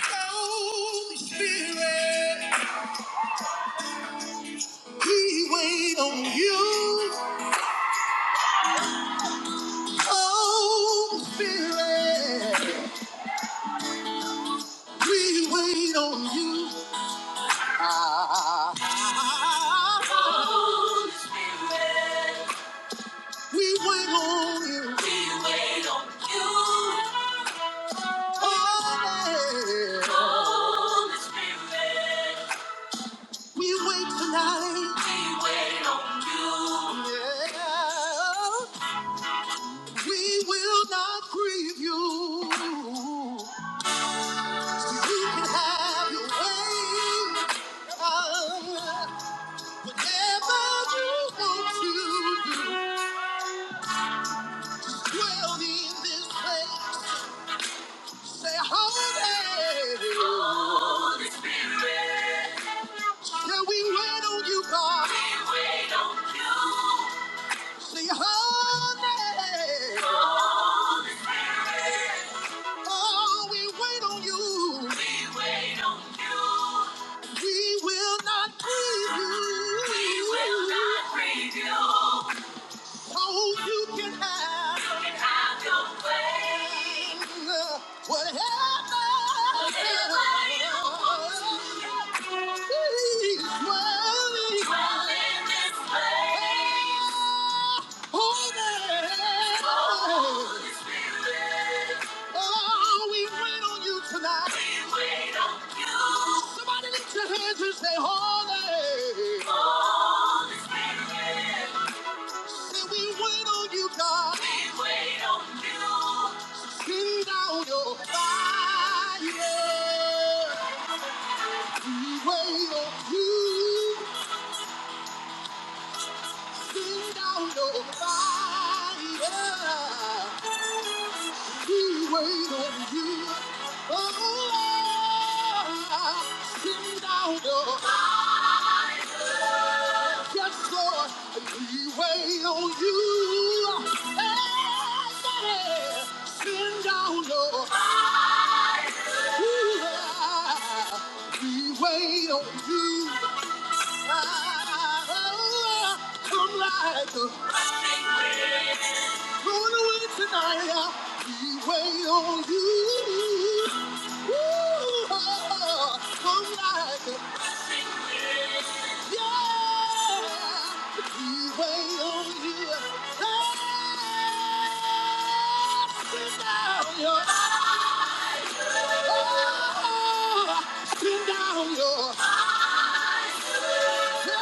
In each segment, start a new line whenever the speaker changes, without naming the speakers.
Holy Spirit, we wait on you. Holy Spirit, we wait on you. Ah, Holy Spirit, we wait on you. We wait on you. Oh, yeah. Holy Spirit. We wait tonight. We wait on You, Yeah. We will not grieve you. So you can have your way. Uh, whatever you want to do. Dwell in this place. Say, Holy. Spirit, yeah. we wait on you, God? We wait on You. See, holy, holy spirit, oh, we wait on you. We wait on you. We will not grieve you. We will not grieve you. So you can have you can have your way, Uh, whatever. whatever you want. Please, dwell in Dwell in this place. Holy, holy spirit, Oh, we wait on you tonight. We wait on you. Somebody lift your hands and say, Holy. holy spirit. And we wait on you, God. We wait on you. Send out your fire. We wait on you. Send out your fire. We wait on you. Oh, Lord. Send out your fire. Yes, Lord. We wait on you. Hey, yeah. Send out your fire. We wait on you. Ah, Come like a moon away tonight. We wait on you. Ooh, ah, Come like a yeah. We wait on you. Ah, Send down your, ah, send down your. Tonight,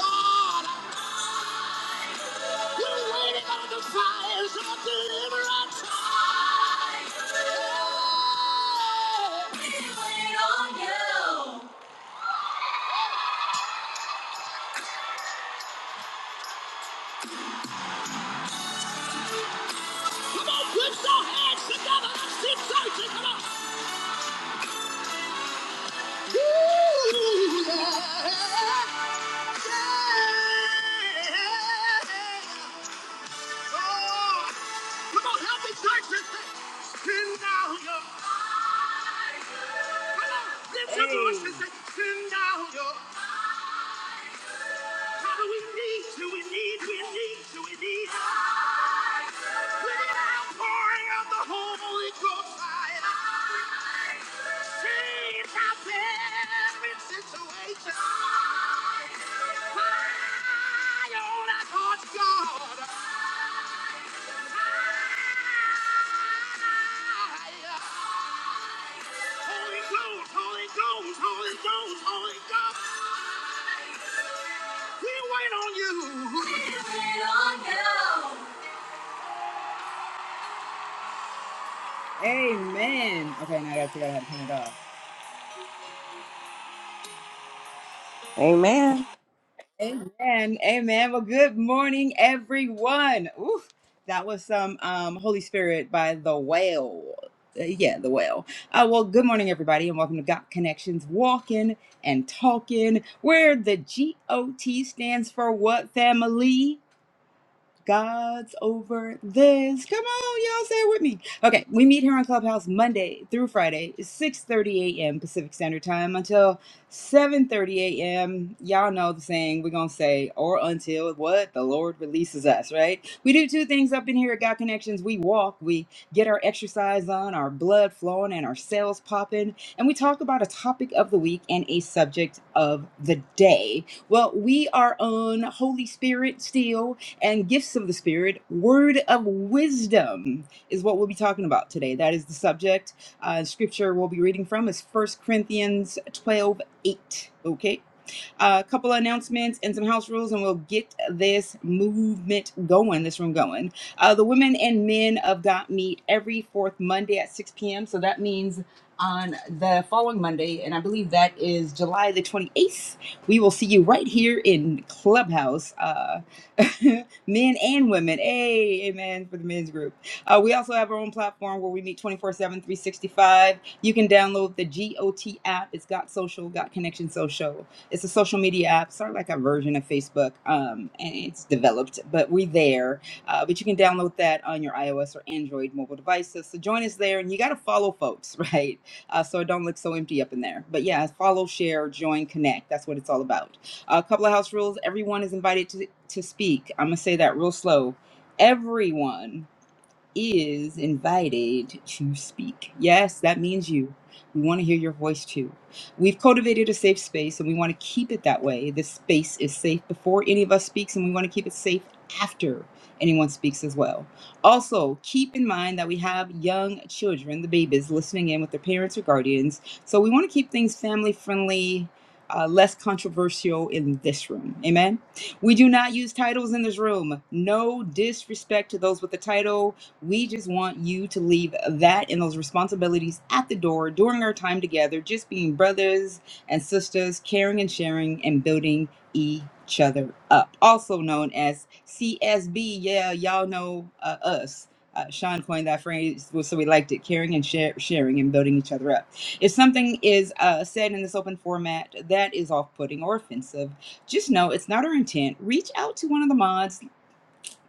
God, we're waiting on the fires of deliverance. We wait on you. Come on, put your hands together. Let's keep searching. Come on. Ooh, yeah. yeah. Oh, Come on, help me church and say, send down your. Come on, lift your voice and say, send down your. Father, we need you, we need, we need you, we need you. We need an outpouring of the Holy Ghost fire. Change out every situation. Fire Fire. Holy Ghost, Holy Ghost, Holy Ghost, Holy Ghost. Amen. Okay, now I gotta figure out how to turn it off.
Amen.
Amen. Amen. Well, good morning, everyone. Ooh, that was some um, Holy Spirit by The Whale. Uh, yeah, The Whale. Uh, well, good morning, everybody, and welcome to Got Connections Walking and Talking, where the G O T stands for what family? God's over this. Come on, y'all, say it with me. Okay, we meet here on Clubhouse Monday through Friday, 6:30 a.m. Pacific Standard Time until 7:30 a.m. Y'all know the saying we're gonna say, or until what the Lord releases us, right? We do two things up in here at God Connections. We walk, we get our exercise on, our blood flowing, and our cells popping, and we talk about a topic of the week and a subject of the day. Well, we are on Holy Spirit still and gifts of the Spirit, word of wisdom is what we'll be talking about today. That is the subject. Uh, scripture we'll be reading from is First Corinthians 12 8. Okay. a couple of announcements and some house rules, and we'll get this movement going, this room going. Uh, the women and men of God meet every fourth Monday at 6 p.m. So that means on the following Monday, and I believe that is July the 28th, we will see you right here in Clubhouse. Uh, men and women. Hey, amen for the men's group. Uh, we also have our own platform where we meet twenty four seven, three sixty five. You can download the GOT app. It's Got Social, Got Connection Social. It's a social media app, sort of like a version of Facebook, um, and it's developed, but we're there. Uh, but you can download that on your iOS or Android mobile devices. So join us there, and you got to follow folks, right? Uh, so it don't look so empty up in there. But yeah, follow, share, join, connect. That's what it's all about. A couple of house rules everyone is invited to, to speak. I'm going to say that real slow. Everyone is invited to speak. Yes, that means you. We want to hear your voice too. We've cultivated a safe space and we want to keep it that way. This space is safe before any of us speaks and we want to keep it safe after anyone speaks as well. Also, keep in mind that we have young children, the babies, listening in with their parents or guardians. So we want to keep things family friendly, uh, less controversial in this room. Amen. We do not use titles in this room. No disrespect to those with the title. We just want you to leave that and those responsibilities at the door during our time together, just being brothers and sisters, caring and sharing and building each other up. Also known as CSB. Yeah, y'all know uh, us. Uh, Sean coined that phrase, well, so we liked it caring and share, sharing and building each other up. If something is uh, said in this open format that is off putting or offensive, just know it's not our intent. Reach out to one of the mods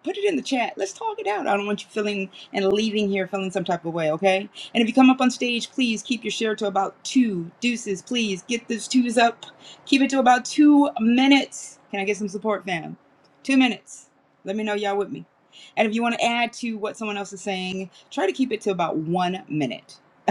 Put it in the chat. Let's talk it out. I don't want you feeling and leaving here feeling some type of way, okay? And if you come up on stage, please keep your share to about two deuces. Please get those twos up. Keep it to about two minutes. Can I get some support, fam? Two minutes. Let me know y'all with me. And if you want to add to what someone else is saying, try to keep it to about one minute.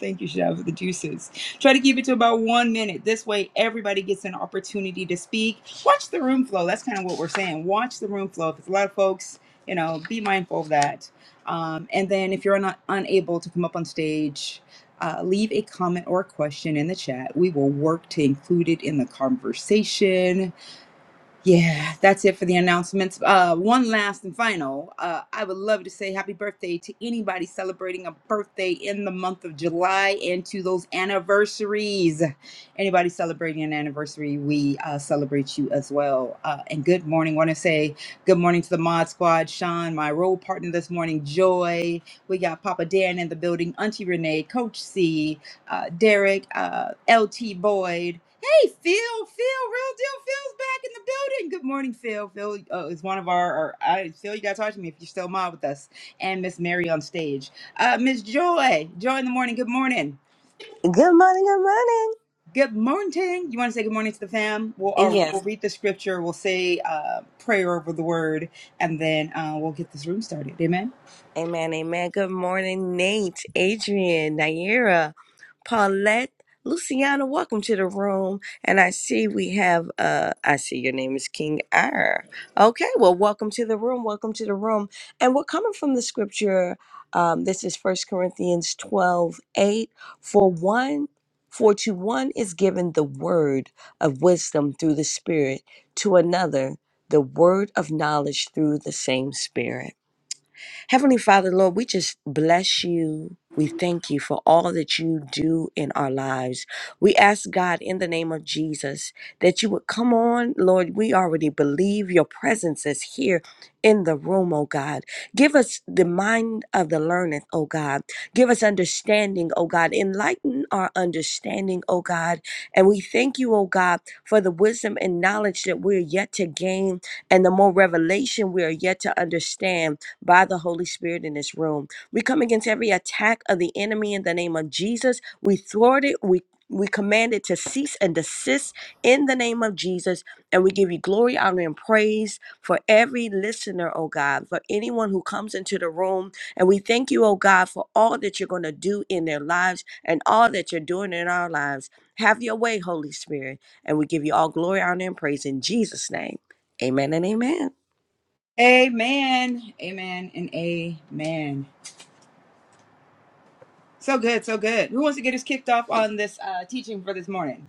Thank you, Chef, for the juices. Try to keep it to about one minute. This way, everybody gets an opportunity to speak. Watch the room flow. That's kind of what we're saying. Watch the room flow. If it's a lot of folks, you know, be mindful of that. Um, and then if you're not unable to come up on stage, uh, leave a comment or a question in the chat. We will work to include it in the conversation yeah, that's it for the announcements. Uh, one last and final. Uh, I would love to say happy birthday to anybody celebrating a birthday in the month of July and to those anniversaries. Anybody celebrating an anniversary, we uh, celebrate you as well. Uh, and good morning. Want to say good morning to the Mod Squad, Sean, my role partner this morning, Joy. We got Papa Dan in the building, Auntie Renee, Coach C, uh, Derek, uh, LT Boyd. Hey, Phil, Phil, real deal, Phil's back in the building. Good morning, Phil. Phil uh, is one of our, our I, Phil, you got to talk to me if you're still mod with us. And Miss Mary on stage. Uh, Miss Joy, Joy in the morning, good morning.
Good morning. Good morning.
Good morning. You want to say good morning to the fam? We'll, uh,
Yes,
we'll read the scripture, we'll say uh, prayer over the word, and then uh, we'll get this room started. Amen.
Amen, amen. Good morning, Nate, Adrian, Naira, Paulette, Luciana. Welcome to the room. And I see we have uh I see your name is King R. Okay, well, welcome to the room. Welcome to the room. And we're coming from the scripture. Um, this is First Corinthians 12 8. For one, for to one is given the word of wisdom through the Spirit, to another the word of knowledge through the same Spirit. Heavenly Father, Lord, we just bless you. We thank you for all that you do in our lives. We ask God in the name of Jesus that you would come on, Lord. We already believe your presence is here in the room, oh God. Give us the mind of the learned, oh God. Give us understanding, oh God. Enlighten our understanding, oh God. And we thank you, oh God, for the wisdom and knowledge that we're yet to gain and the more revelation we are yet to understand by the Holy Spirit in this room. We come against every attack of the enemy in the name of Jesus. We thwart it. We we command it to cease and desist in the name of Jesus. And we give you glory, honor, and praise for every listener, oh God, for anyone who comes into the room. And we thank you, oh God, for all that you're going to do in their lives and all that you're doing in our lives. Have your way, Holy Spirit. And we give you all glory, honor, and praise in Jesus' name. Amen and amen.
Amen. Amen and amen. So good, so good. Who wants to get us kicked off on this uh, teaching for this morning?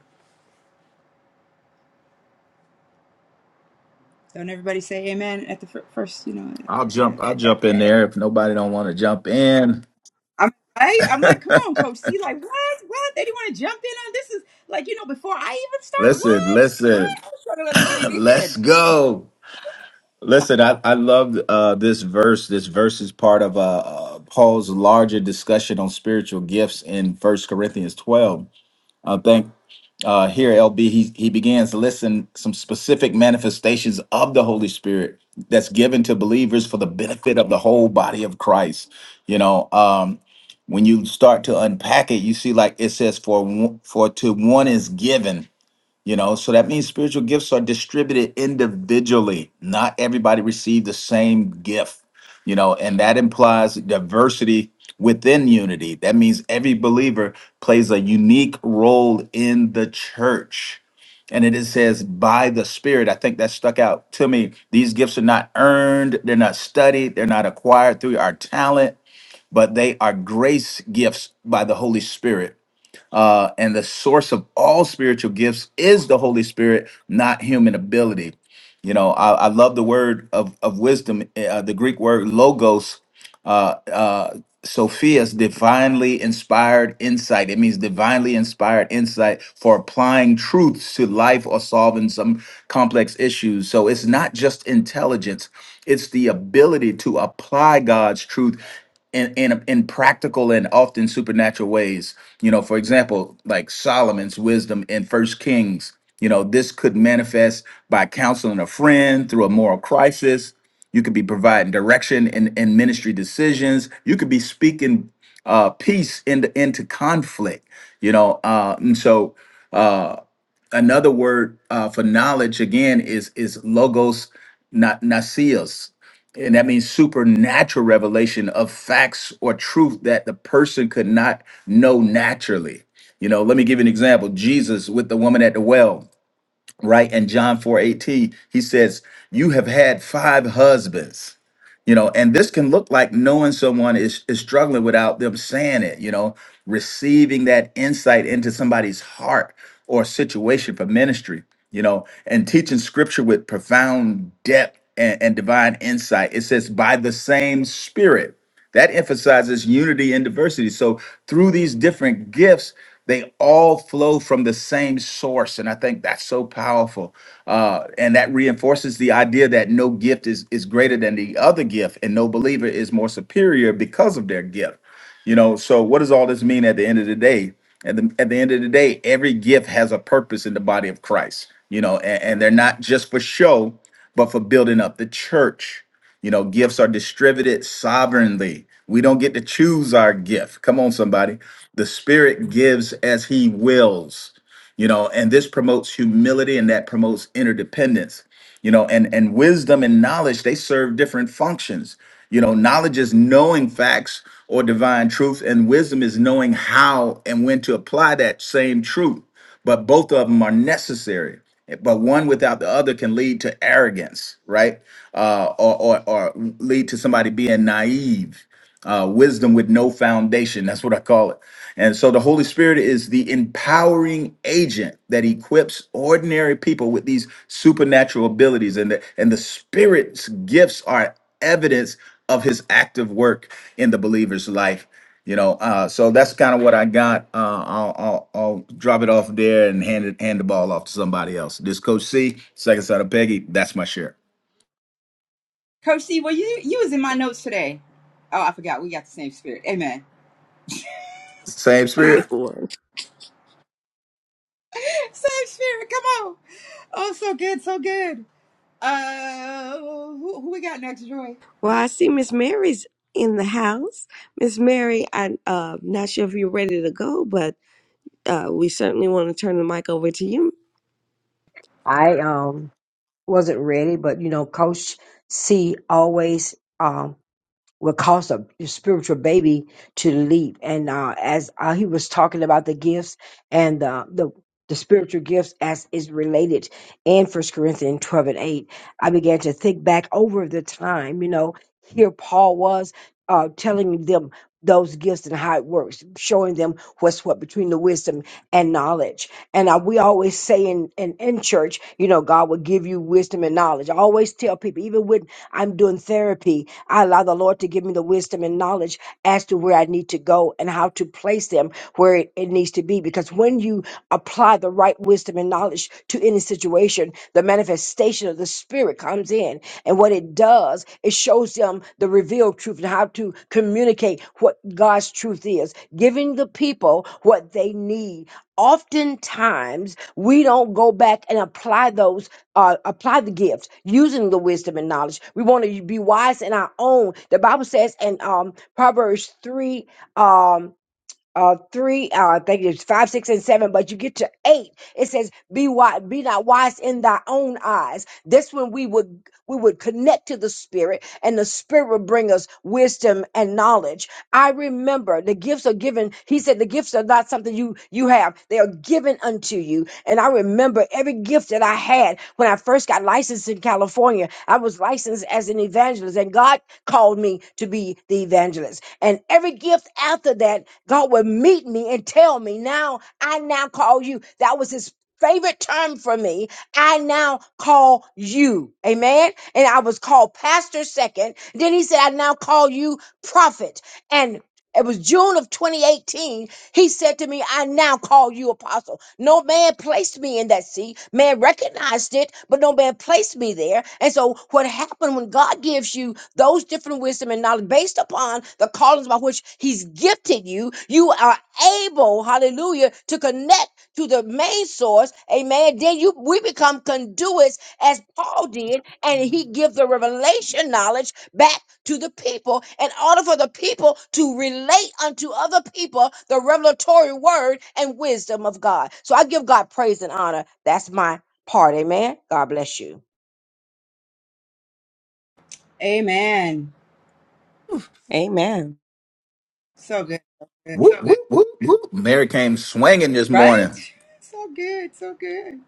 Don't everybody say amen at the fir- first, you know.
I'll jump. I'll jump in there if nobody don't want to jump in.
I'm right. I'm like, come on, coach. C, like, what? What? They didn't want to jump in on this. Is like, you know, before I even start,
listen,
what? What?
listen.
I was trying to let them get it
Let's
in.
go. Listen, I I love uh, this verse. This verse is part of uh, uh, Paul's larger discussion on spiritual gifts in First Corinthians twelve. I think uh, here, LB, he, he begins to listen some specific manifestations of the Holy Spirit that's given to believers for the benefit of the whole body of Christ. You know, um, when you start to unpack it, you see like it says, "For one- for to one is given." You know, so that means spiritual gifts are distributed individually. Not everybody received the same gift, you know, and that implies diversity within unity. That means every believer plays a unique role in the church. And it is- says, by the Spirit. I think that stuck out to me. These gifts are not earned, they're not studied, they're not acquired through our talent, but they are grace gifts by the Holy Spirit uh, and the source of all spiritual gifts is the Holy Spirit, not human ability. You know, I, I love the word of, of wisdom, eh, uh, the Greek word logos, uh, uh, Sophia's divinely inspired insight. It means divinely inspired insight for applying truths to life or solving some complex issues. So it's not just intelligence, it's the ability to apply God's truth in, in in practical and often supernatural ways. You know, for example, like Solomon's wisdom in First Kings. You know, this could manifest by counseling a friend through a moral crisis. You could be providing direction in, in ministry decisions. You could be speaking uh, peace into into conflict. You know, uh, and so uh, another word uh, for knowledge again is is logos na- nasios and that means supernatural revelation of facts or truth that the person could not know naturally. You know, let me give you an example. Jesus with the woman at the well right? And John 4 eighteen, he says, You have had five husbands. You know, and this can look like knowing someone is, is struggling without them saying it, you know, receiving that insight into somebody's heart or situation for ministry, you know, and teaching scripture with profound depth and, and divine insight. It says, by the same spirit that emphasizes unity and diversity. So through these different gifts, they all flow from the same source, and I think that's so powerful. Uh, and that reinforces the idea that no gift is is greater than the other gift, and no believer is more superior because of their gift. You know, so what does all this mean at the end of the day? At the, at the end of the day, every gift has a purpose in the body of Christ, you know, and, and they're not just for show, but for building up the church. You know, gifts are distributed sovereignly. We don't get to choose our gift. Come on, somebody. The Spirit gives as He wills, you know, and this promotes humility and that promotes interdependence, you know, and, and wisdom and knowledge, they serve different functions. You know, knowledge is knowing facts or divine truth, and wisdom is knowing how and when to apply that same truth but both of them are necessary. But one without the other can lead to arrogance, right? Uh, or, or, or lead to somebody being naive, uh, wisdom with no foundation. That's what I call it. And so the Holy Spirit is the empowering agent that equips ordinary people with these supernatural abilities. And the, and the Spirit's gifts are evidence of his active work in the believer's life you know uh so that's kind of what i got uh I'll, I'll i'll drop it off there and hand it hand the ball off to somebody else this coach c second son of peggy that's my share
Coach C, well, you you was in my notes today. Oh, I forgot. We got the same spirit. Amen.
same
Good
spirit
word.
same spirit. Come on. Oh, so good, so good. Uh, who, who we got next, Joy?
Well, I see Miss Mary's in the house. Miss Mary, I'm uh, not sure if you're ready to go, but uh, we certainly want to turn the mic over to you.
I um wasn't ready, but you know, Coach C always um will cause a spiritual baby to leap. And uh, as uh, he was talking about the gifts and uh, the the spiritual gifts as is related in First Corinthians 12 and 8, I began to think back over the time, you know, here Paul was uh, telling them those gifts and how it works, showing them what's what between the wisdom and knowledge. And uh, we always say in, in, in church, you know, God will give you wisdom and knowledge. I always tell people, even with I'm doing therapy. I allow the Lord to give me the wisdom and knowledge as to where I need to go and how to place them where it, it needs to be. Because when you apply the right wisdom and knowledge to any situation, the manifestation of the Spirit comes in. And what it does, it shows them the revealed truth and how to communicate what God's truth is, giving the people what they need. Oftentimes, we don't go back and apply those uh, apply the gift using the wisdom and knowledge. We want to be wise in our own. The Bible says in um, Proverbs 3 um, uh three uh, i think it's five six and seven but you get to eight it says be wise be not wise in thy own eyes this one we would we would connect to the spirit and the spirit would bring us wisdom and knowledge i remember the gifts are given he said the gifts are not something you you have they are given unto you and i remember every gift that i had when i first got licensed in california i was licensed as an evangelist and god called me to be the evangelist. And every gift after that, God would meet me and tell me, now I now call you. That was his favorite term for me. I now call you. Amen. And I was called pastor second. Then he said, I now call you prophet. And it was June of 2018 he said to me, I now call you apostle. No man placed me in that seat. Man recognized it, but no man placed me there. And so, what happened when God gives you those different wisdom and knowledge based upon the callings by which He's gifted you, you are able, hallelujah, to connect to the main source. Amen. Then you we become conduits as Paul did, and he gives the revelation knowledge back to the people in order for the people to relate unto other people the revelatory word and wisdom of God. So I give God praise and honor. That's my part. Amen. God bless you.
Amen.
Amen.
So good, so good.
whoop whoop whoop whoop mary came swinging this
right?
morning
So good, so good.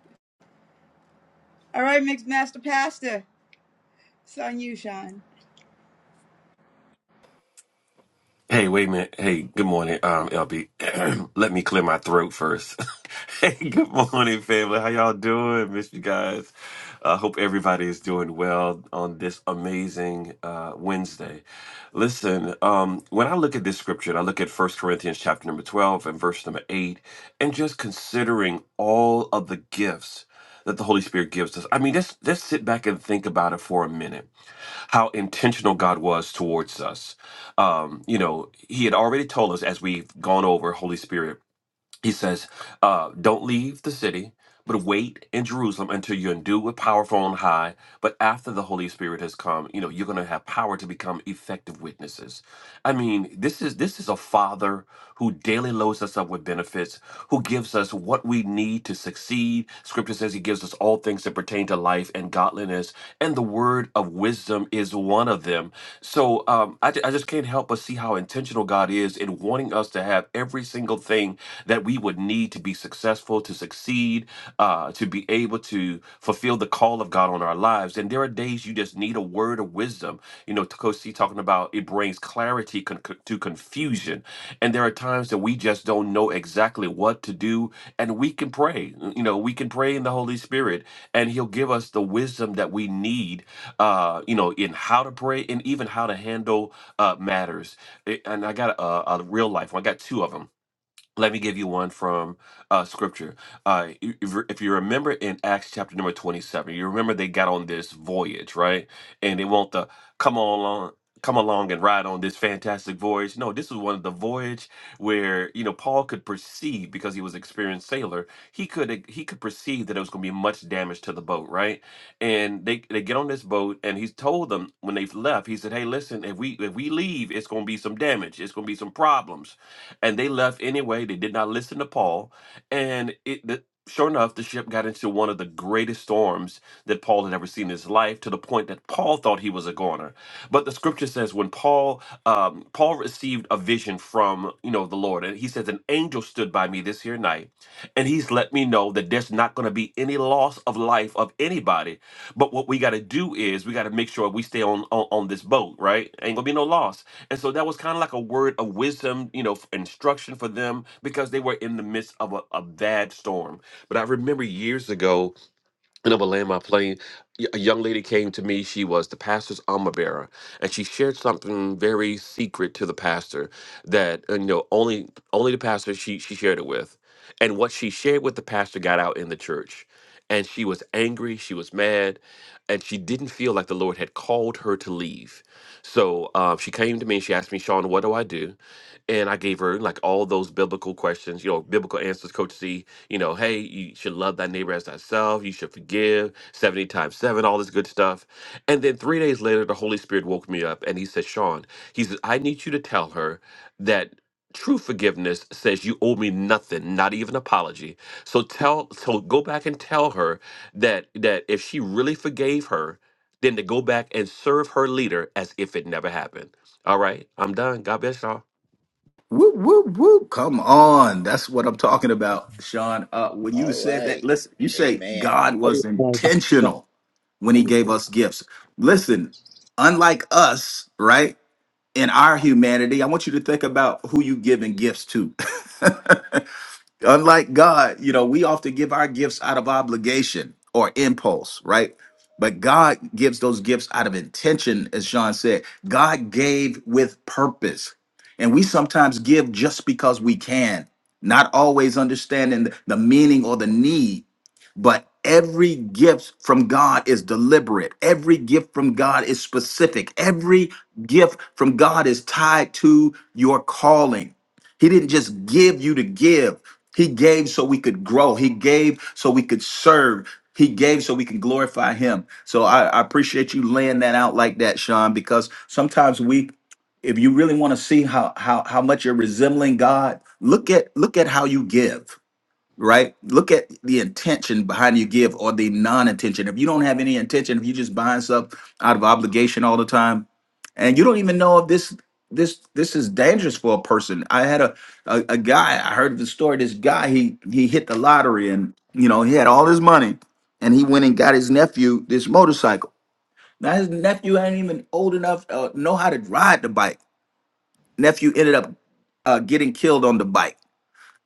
All right, mixed master pastor. It's on you, Sean.
Hey, wait a minute. Hey, good morning, um, LB. Let me clear my throat first. hey, good morning, family. How y'all doing? Miss you guys. I uh, hope everybody is doing well on this amazing uh, Wednesday. Listen, um, when I look at this scripture, and I look at First Corinthians chapter number 12 and verse number 8, and just considering all of the gifts that the Holy Spirit gives us. I mean, let's, let's sit back and think about it for a minute how intentional God was towards us um, you know, he had already told us as we've gone over Holy Spirit, he says, uh, don't leave the city, but wait in Jerusalem until you're endued with power from on high. But after the Holy Spirit has come, you know, you're gonna have power to become effective witnesses. I mean, this is this is a father who daily loads us up with benefits, who gives us what we need to succeed. Scripture says he gives us all things that pertain to life and godliness, and the word of of wisdom is one of them. So um, I, ju- I just can't help but see how intentional God is in wanting us to have every single thing that we would need to be successful, to succeed, uh, to be able to fulfill the call of God on our lives. And there are days you just need a word of wisdom. You know, Coach C talking about it brings clarity con- con- to confusion. And there are times that we just don't know exactly what to do. And we can pray. You know, we can pray in the Holy Spirit and He'll give us the wisdom that we need uh, you know, in how to pray and even how to handle uh, matters. It- and I got a, a real life one. I got two of them let me give you one from uh, scripture. Uh, if, if you remember in Acts chapter number 27, you remember they got on this voyage, right? And they want to come on along. Come along and ride on this fantastic voyage. No, this was one of the voyage where you know Paul could perceive because he was an experienced sailor. He could he could perceive that it was going to be much damage to the boat, right? And they they get on this boat and he's told them when they left. He said, "Hey, listen, if we if we leave, it's going to be some damage. It's going to be some problems." and they left anyway. They did not listen to Paul, and it. The, Sure enough, the ship got into one of the greatest storms that Paul had ever seen in his life, to the point that Paul thought he was a goner. But the scripture says when Paul um, Paul received a vision from you know the Lord, and he says an angel stood by me this here night, and he's let me know that there's not going to be any loss of life of anybody. But what we got to do is we got to make sure we stay on, on on this boat, right? Ain't gonna be no loss. And so that was kind of like a word of wisdom, you know, f- instruction for them because they were in the midst of a, a bad storm. But I remember years ago and I'm gonna land my plane. Y- A young lady came to me. She was the pastor's armor bearer, and she shared something very secret to the pastor that uh, you know only only the pastor she she shared it with, and what she shared with the pastor got out in the church, and she was angry. She was mad, and she didn't feel like the Lord had called her to leave. So um, she came to me and she asked me, Sean, what do I do? And I gave her like all those biblical questions, you know, biblical answers, Coach C you know, hey, you should love thy neighbor as thyself. You should forgive 70 times seven, all this good stuff. And then three days later, the Holy Spirit woke me up and he said, Sean, he says, I need you to tell her that true forgiveness says you owe me nothing, not even apology. So tell, so go back and tell her that, that if she really forgave her, then to go back and serve her leader as if it never happened. All right, I'm done. God bless y'all.
whoop whoop whoop come on that's what i'm talking about sean uh when you
All
said that
right.
listen you say
Amen.
god was intentional when he gave us gifts listen unlike us right in our humanity, I want you to think about who you giving gifts to. Unlike God, you know, we often give our gifts out of obligation or impulse, right? But God gives those gifts out of intention, as Sean said. God gave with purpose. And we sometimes give just because we can, not always understanding the the meaning or the need but every gift from God is deliberate. Every gift from God is specific. Every gift from God is tied to your calling. He didn't just give you to give, He gave so we could grow, He gave so we could serve. He gave so we can glorify him. So I, I appreciate you laying that out like that, Sean, because sometimes we if you really want to see how how how much you're resembling God, look at look at how you give right? Look at the intention behind you give or the non-intention. If you don't have any intention, if you just buying stuff out of obligation all the time, and you don't even know if this this this is dangerous for a person. I had a a, a guy, I heard the story, this guy, he he hit the lottery and you know, he had all his money and he went and got his nephew this motorcycle. Now his nephew ain't even old enough to know how to ride the bike. Nephew ended up uh, getting killed on the bike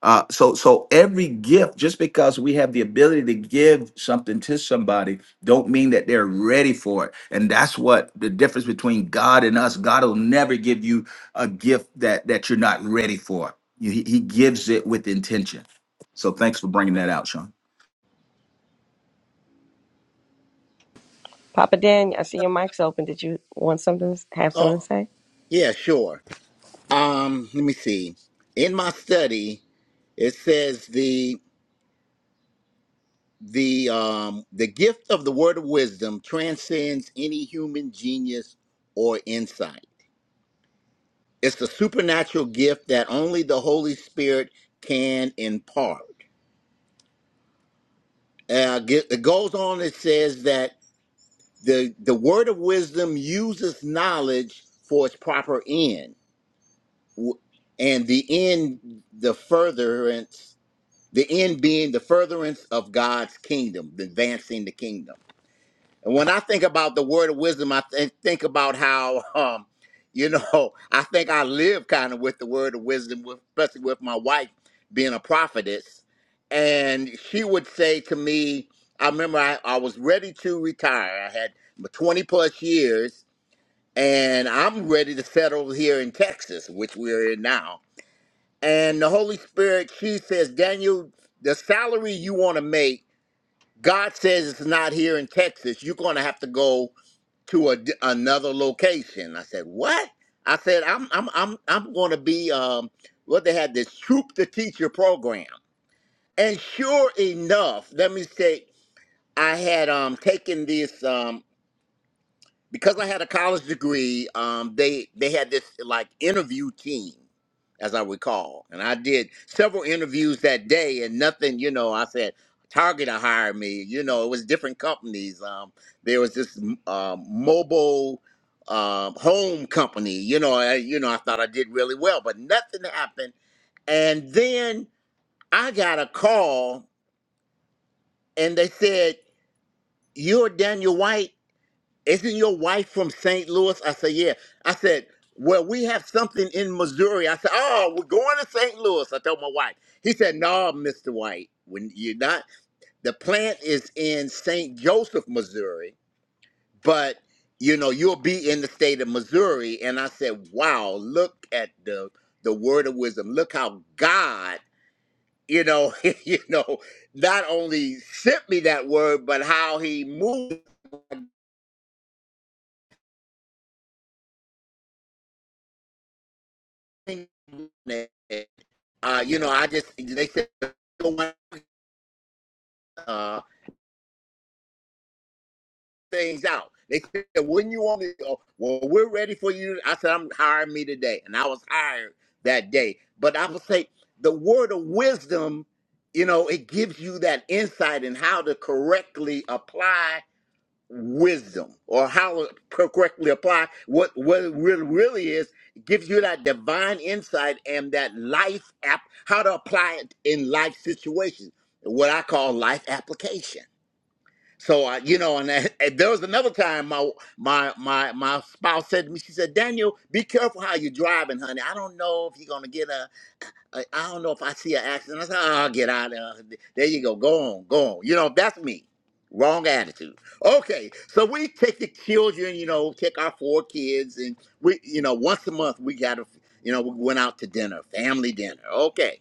uh, so, so every gift, just because we have the ability to give something to somebody, don't mean that they're ready for it. And that's what the difference between God and us. God will never give you a gift that that you're not ready for. You- He, he gives it with intention. So, thanks for bringing that out, Sean.
Papa Dan, I see your mic's open. Did you want something? Have something to
Oh,
say?
yeah, sure. Um, let me see. In my study, it says the the um the gift of the word of wisdom transcends any human genius or insight. It's a supernatural gift that only the Holy Spirit can impart. Uh, ge- it goes on. It says that the the word of wisdom uses knowledge for its proper end w- and the end the furtherance the end being the furtherance of god's kingdom the advancing the kingdom and when i think about the word of wisdom i think, think about how um you know i think i live kind of with the word of wisdom with, especially with my wife being a prophetess and she would say to me i remember i, I was ready to retire i had 20 plus years and i'm ready to settle here in texas which we're in now and the Holy Spirit, she says, Daniel, the salary you want to make, God says it's not here in Texas. You're going to have to go to a d another location. I said, what? I said, I'm I'm I'm I'm going to be um what they had this troop the teacher program. And sure enough, let me say, I had um taken this. Um, because I had a college degree, um, they they had this like interview team, as I recall, and I did several interviews that day, and nothing, you know. I said Target to hire me, you know. It was different companies. Um, there was this um, mobile um, home company, you know. I, you know, I thought I did really well, but nothing happened. And then I got a call, and they said, "You're Daniel White." isn't your wife from St. Louis? I said, yeah. I said, well, we have something in Missouri. I said, oh, we're going to St. Louis. I told my wife. He said, no, Mr. White, when you're not, the plant is in St. Joseph, Missouri, but you know, you'll be in the state of Missouri. And I said, wow, look at the, the word of wisdom. Look how God, you know, you know, not only sent me that word, but how he moved Uh, you know, I just they said uh, things out. They said, "When you want to go, well, we're ready for you." I said, "I'm hiring me today," and I was hired that day. But I would say the word of wisdom, you know, it gives you that insight in how to correctly apply wisdom or how to correctly apply what what it really, really is it gives you that divine insight and that life app how to apply it in life situations what i call life application so I, you know and, I- and there was another time my my my my spouse said to me she said daniel be careful how you're driving honey i don't know if you're going to get a I, I don't know if I see an accident. I say, oh, get out of there. There you go. Go on, go on. You know, that's me. Wrong attitude. Okay, so we take the children, you know, take our four kids, and we, you know, once a month we got to, you know, we went out to dinner, family dinner. Okay.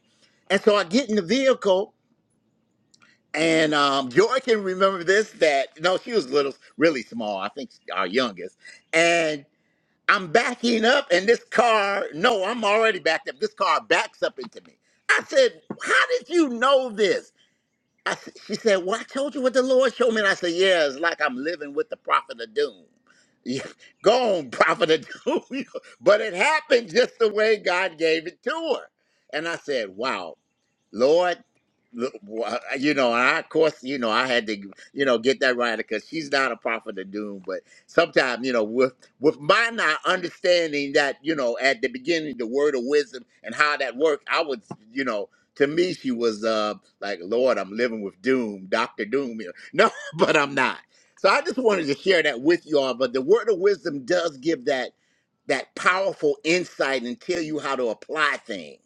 And so I get in the vehicle, and um, Joy can remember this that, no, she was little, really small, I think our youngest. and. I'm backing up and this car, no, I'm already backed up. This car backs up into me. I said, How did you know this? I, s- she said, Well, I told you what the Lord showed me. And I said, Yeah, it's like I'm living with the prophet of doom. Yeah, Go on, prophet of doom. but it happened just the way God gave it to her. And I said, Wow, Lord, look, wha- you know, and I, of course, you know, I had to, you know, get that right because she's not a prophet of doom. But sometimes, you know, with with my not understanding that, you know, at the beginning, the word of wisdom and how that worked, I was, you know, to me, she was uh, like, Lord, I'm living with doom, Dr. Doom. here." No, but I'm not. So I just wanted to share that with y'all. But the word of wisdom does give that that powerful insight and tell you how to apply things.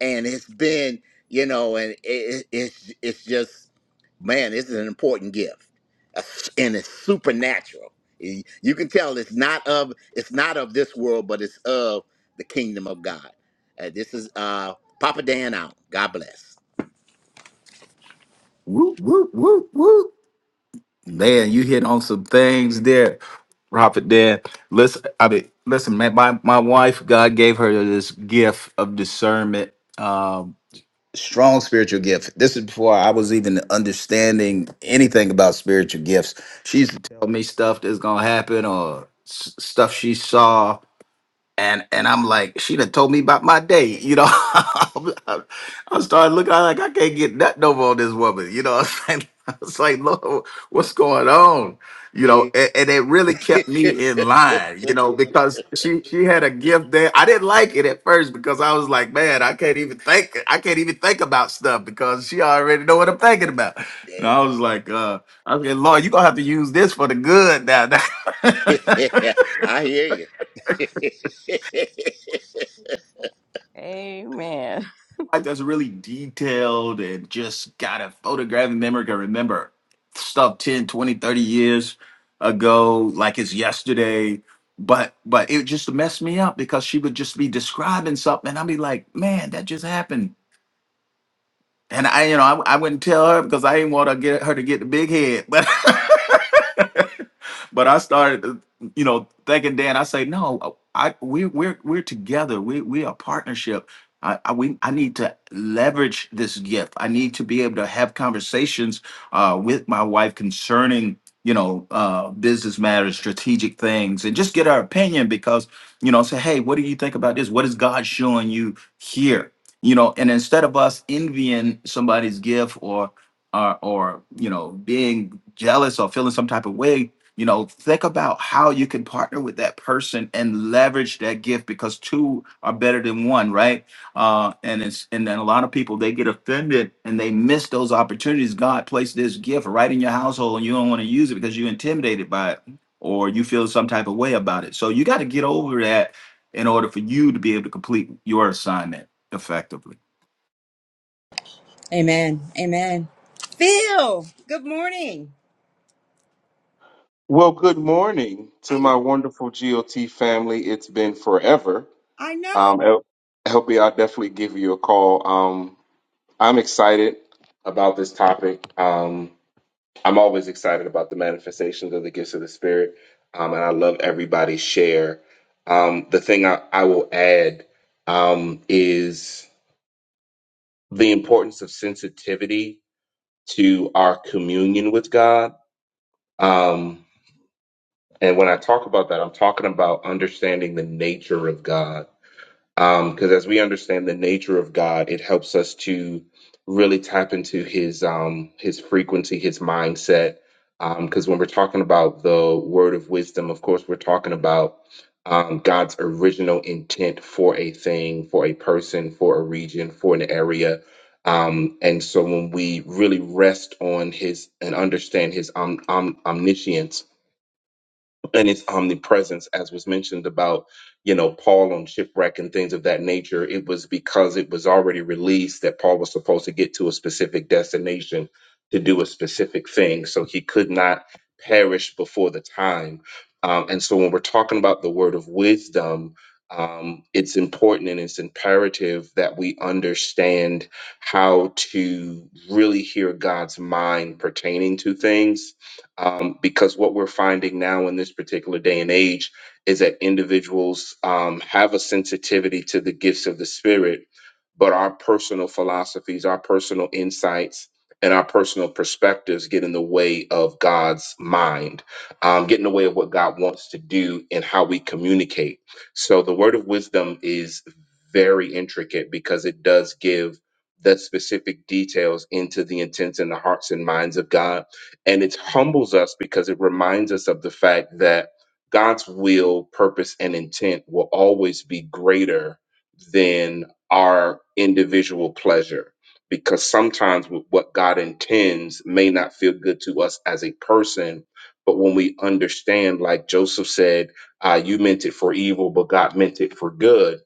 And it's been, you know, and it, it's it's just, man, this is an important gift, It's- and it's supernatural. You you can tell it's not of it's not of this world, but it's of the kingdom of God. Uh, this is uh, Papa Dan out. God bless.
Whoop, whoop, whoop, whoop. Man, you hit on some things there. Prophet Dan. Listen, I mean, listen, man. My my wife, God gave her this gift of discernment. um, strong spiritual gift. This is before I was even understanding anything about spiritual gifts. She used to tell me stuff that's gonna happen or s- stuff she saw and and I'm like, she done told me about my day, you know. I started looking I'm like I can't get nothing over on this woman, you know. i It's like, it's like Lord, what's going on, you know?
Here,
And, and it really kept me in line, you know, because she she had a gift there. I didn't like it at first because I was like, man, I can't even think, I can't even think about stuff because she already know what I'm thinking about. And I was like, uh, I said, Lord, you gonna have to use this for the good now.
I hear you.
Amen.
life that's really detailed and just got a photographic memory can remember stuff 10, 20, 30 years ago like it's yesterday but but it just messed me up because she would just be describing something and i'd be like man that just happened and i you know i, I wouldn't tell her because i didn't want to get her to get the big head but but I started, uh, you know, thinking Dan. I say, no, I we're we're we're together. We we are partnership. I, I we I need to leverage this gift. I need to be able to have conversations uh, with my wife concerning you know uh, business matters, strategic things, and just get her opinion because you know say, hey, what do you think about this? What is God showing you here? You know, and instead of us envying somebody's gift or or, or you know being jealous or feeling some type of way you know, think about how you can partner with that person and leverage that gift because two are better than one, right? Uh, and it's and then a lot of people they get offended and they miss those opportunities. God placed this gift right in your household and you don't want to use it because you're intimidated by it or you feel some type of way about it. So you got to get over that in order for you to be able to complete your assignment effectively.
Amen. Amen. Phil, good morning.
Well, good morning
How
to
you?
my wonderful GOT family. It's been forever.
I know.
Um, El- I'll definitely give you a call. Um, I'm excited about this topic. Um, I'm always excited about the manifestations of the gifts of the Spirit, um, and I love everybody's share. Um, the thing I, I will add um, is the importance of sensitivity to our communion with God. Um, And when I talk about that, I'm talking about understanding the nature of God. Because as we understand the nature of God, it helps us to really tap into His um, His frequency, His mindset. Because when we're talking about the word of wisdom, of course, we're talking about um, God's original intent for a thing, for a person, for a region, for an area. Um, and so when we really rest on His and understand His om- om- omniscience and its omnipresence, as was mentioned about, you know, Paul on shipwreck and things of that nature, it was because it was already released that Paul was supposed to get to a specific destination to do a specific thing. So he could not perish before the time. Um, and so when we're talking about the word of wisdom, um, it's important and it's imperative that we understand how to really hear God's mind pertaining to things um, because what we're finding now in this particular day and age is that individuals um, have a sensitivity to the gifts of the spirit, but our personal philosophies, our personal insights, and our personal perspectives get in the way of God's mind, um, get in the way of what God wants to do and how we communicate. So the word of wisdom is very intricate because it does give the specific details into the intents and the hearts and minds of God and it humbles us because it reminds us of the fact that God's will, purpose, and intent will always be greater than our individual pleasure. Because sometimes wh- what God intends may not feel good to us as a person, but when we understand, like Joseph said, uh, you meant it for evil, but God meant it for good.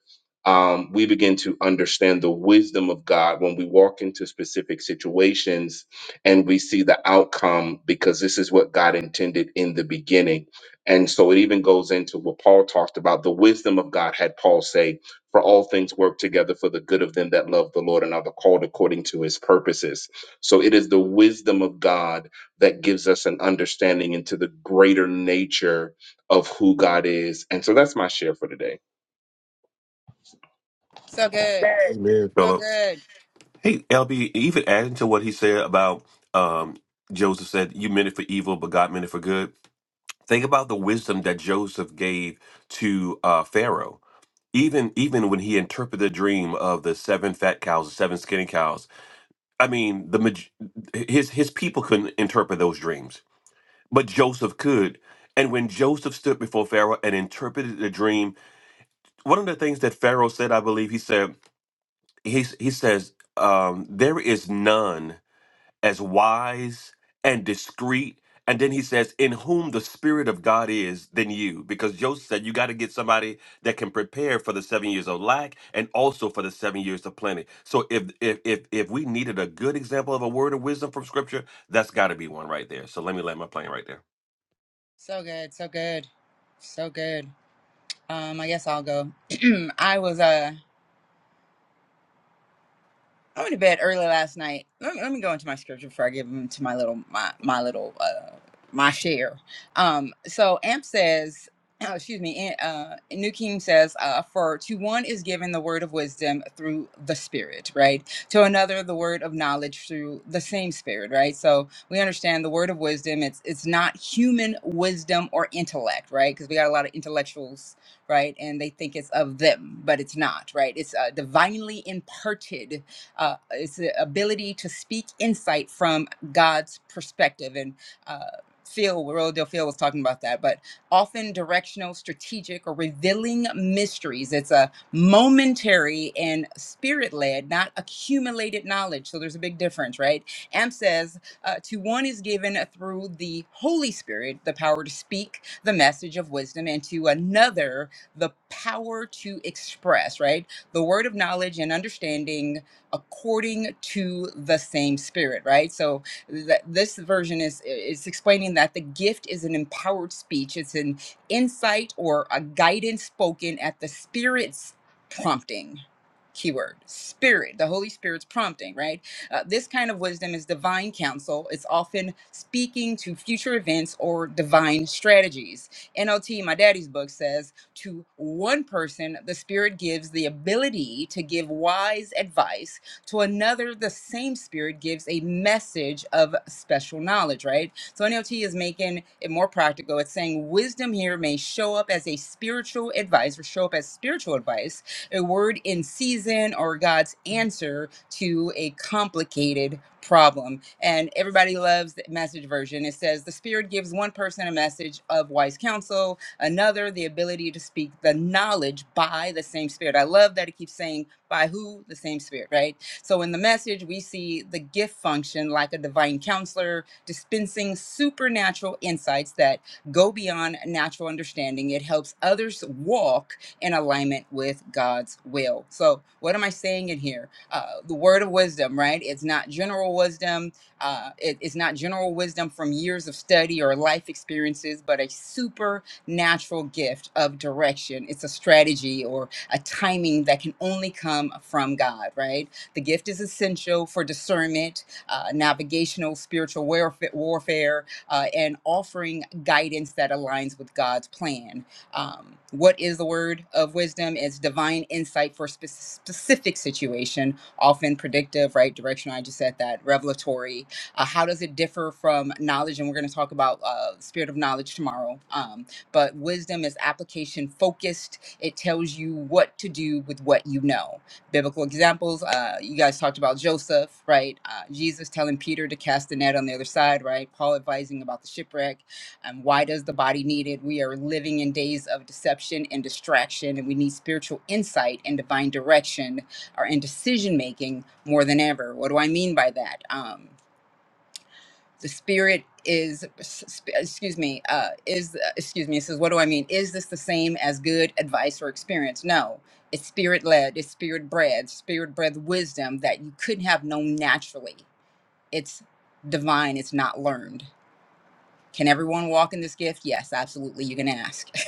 Um, we begin to understand the wisdom of God when we walk into specific situations and we see the outcome because this is what God intended in the beginning. And so it even goes into what Paul talked about. The wisdom of God had Paul say, For all things work together for the good of them that love the Lord and are the called according to his purposes. So it is the wisdom of God that gives us an understanding into the greater nature of who God is. And so that's my share for today.
So good.
Amen,
So
Philip.
good.
Hey, LB, even adding to what he said about um, Joseph said, You meant it for evil, but God meant it for good. Think about the wisdom that Joseph gave to uh, Pharaoh. Even even when he interpreted the dream of the seven fat cows, the seven skinny cows, I mean, the maj- his his people couldn't interpret those dreams, but Joseph could. And when Joseph stood before Pharaoh and interpreted the dream, one of the things that Pharaoh said, I believe, he said, he, he says, um, "There is none." as wise and discreet. And then he says, In whom the Spirit of God is, than you. Because Joseph said, You got to get somebody that can prepare for the seven years of lack and also for the seven years of plenty. So if if if, if we needed a good example of a word of wisdom from scripture, that's gotta be one right there. So let me land my plane right there.
So good. So good. So good. Um, I guess I'll go. I was uh, I went to bed early last night. Let me, let me go into my scripture before I give them to my little my my little uh my share. Um, so Amp says, excuse me, and, uh, New King says, uh, for to one is given the word of wisdom through the Spirit, right? To another the word of knowledge through the same Spirit, right? So we understand the word of wisdom. It's it's not human wisdom or intellect, right? Because we got a lot of intellectuals right? And they think it's of them, but it's not, right? It's uh, divinely imparted uh, it's the ability to speak insight from God's perspective. And uh, Phil, Royal Del Phil was talking about that, but often directional, strategic, or revealing mysteries. It's a momentary and spirit led, not accumulated knowledge. So there's a big difference, right? Am says, uh, to one is given through the Holy Spirit the power to speak the message of wisdom, and to another the power to express, right? The word of knowledge and understanding according to the same spirit right so that this version is is explaining that the gift is an empowered speech it's an insight or a guidance spoken at the spirit's prompting keyword spirit the holy spirit's prompting right uh, this kind of wisdom is divine counsel it's often speaking to future events or divine strategies nlt my daddy's book says to one person the spirit gives the ability to give wise advice to another, the same spirit gives a message of special knowledge, right? So NLT is making it more practical. It's saying wisdom here may show up as a spiritual advice or show up as spiritual advice, a word in season or God's answer to a complicated problem. And everybody loves the message version. It says the spirit gives one person a message of wise counsel, another the ability to speak the knowledge by the same spirit. I love that it keeps saying by who the same spirit, right? So in the message, we see the gift function like a divine counselor, dispensing supernatural insights that go beyond natural understanding. It helps others walk in alignment with God's will. So, what am I saying in here? Uh, the word of wisdom, right? It's not general wisdom. Uh, it- it's not general wisdom from years of study or life experiences, but a supernatural gift of direction. It's a strategy or a timing that can only come from God, right? The gift is essential for discernment, uh, navigational, spiritual warfare, warfare uh, and offering guidance that aligns with God's plan. Um, what is the word of wisdom? It's divine insight for spe- specific situation, often predictive, right? Directional. I just said that. Revelatory. Uh, how does it differ from knowledge? And we're going to talk about uh, spirit of knowledge tomorrow. Um, but wisdom is application focused. It tells you what to do with what you know biblical examples. Uh, you guys talked about Joseph, right? Uh, Jesus telling Peter to cast the net on the other side, right? Paul advising about the shipwreck. And why does the body need it? We are living in days of deception and distraction, and we need spiritual insight and divine direction or in decision making more than ever. What do I mean by that? Um, the spirit is sp- excuse me uh is uh, excuse me it says what do i mean is this the same as good advice or experience no it's spirit led it's spirit bred spirit bred wisdom that you couldn't have known naturally it's divine it's not learned can everyone walk in this gift yes absolutely you can ask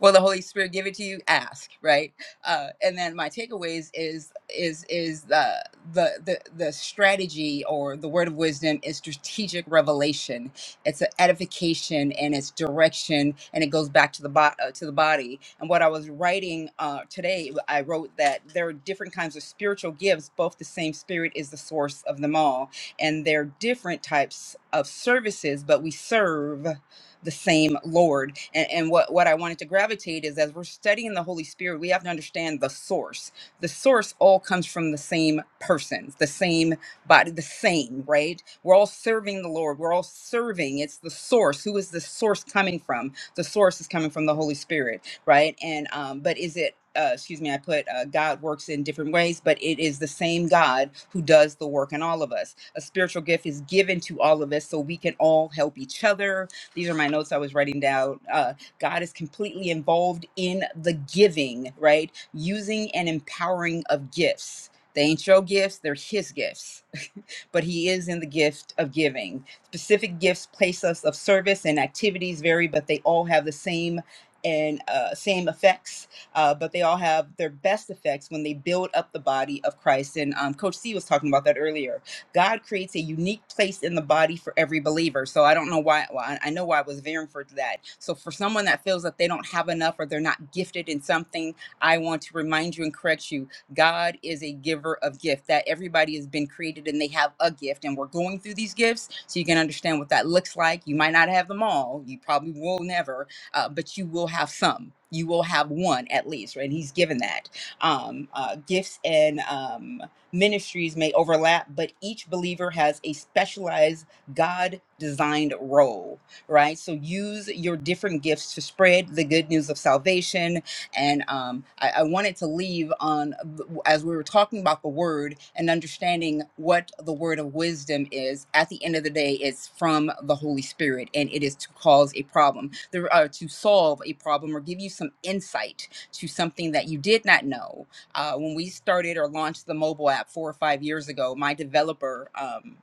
will the holy spirit give it to you ask right uh, and then my takeaways is is is the, the the the strategy or the word of wisdom is strategic revelation it's an edification and it's direction and it goes back to the bo- uh, to the body and what i was writing uh, today i wrote that there are different kinds of spiritual gifts both the same spirit is the source of them all and they're different types of services but we serve the same Lord. And, and what, what I wanted to gravitate is as we're studying the Holy Spirit, we have to understand the source. The source all comes from the same persons, the same body, the same, right? We're all serving the Lord. We're all serving. It's the source. Who is the source coming from? The source is coming from the Holy Spirit, right? And um, but is it uh, excuse me, I put uh, God works in different ways, but it is the same God who does the work in all of us. A spiritual gift is given to all of us so we can all help each other, these are my notes I was writing down. Uh, God is completely involved in the giving, right? Using and empowering of gifts. They ain't your gifts, they're his gifts. but he is in the gift of giving. Specific gifts place us of service and activities vary, but they all have the same and uh, same effects, uh, but they all have their best effects when they build up the body of Christ. And um, Coach C was talking about that earlier. God creates a unique place in the body for every believer. So I don't know why, why I know why I was veering for that. So for someone that feels that they don't have enough or they're not gifted in something, I want to remind you and correct you. God is a giver of gift. That everybody has been created and they have a gift and we're going through these gifts so you can understand what that looks like. You might not have them all. You probably will never, uh, but you will have some. You will have one at least, right? he's given that um, uh, gifts and um, ministries may overlap, but each believer has a specialized God designed role, right? So use your different gifts to spread the good news of salvation. And um, I, I wanted to leave on, as we were talking about the word and understanding what the word of wisdom is, at the end of the day, it's from the Holy Spirit and it is to cause a problem, there, uh, to solve a problem or give you some insight to something that you did not know uh, when we started or launched the mobile app four or five years ago, my developer um,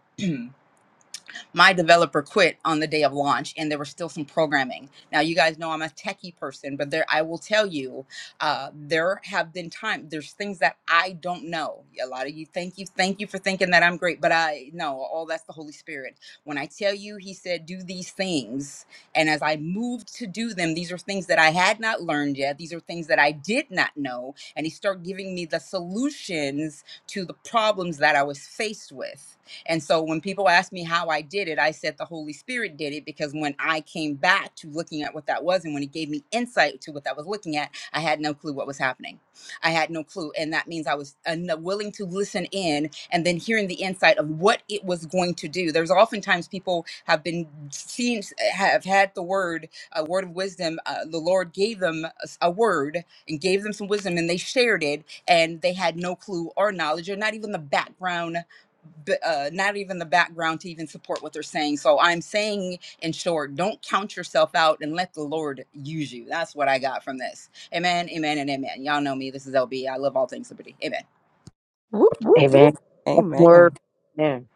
my developer quit on the day of launch and there was still some programming now you guys know i'm a techie person but there i will tell you uh, there have been times. there's things that i don't know a lot of you thank you thank you for thinking that i'm great but i no all that's the holy spirit when i tell you he said do these things and as i moved to do them these are things that i had not learned yet these are things that i did not know and he started giving me the solutions to the problems that i was faced with and so when people ask me how I did it, I said the Holy Spirit did it because when I came back to looking at what that was and when it gave me insight to what I was looking at, I had no clue what was happening. I had no clue. And that means I was un- willing to listen in and then hearing the insight of what it was going to do. There's oftentimes people have been seen, have had the word, a word of wisdom. Uh, the Lord gave them a s- a word and gave them some wisdom and they shared it and they had no clue or knowledge or not even the background uh, not even the background to even support what they're saying. So I'm saying, in short, don't count yourself out and let the Lord use you. That's what I got from this. Amen, amen, and amen. Y'all know me. This is LB. I love all things liberty. Amen.
Whoop, whoop, whoop.
Amen. That's the
Amen.
word. Amen.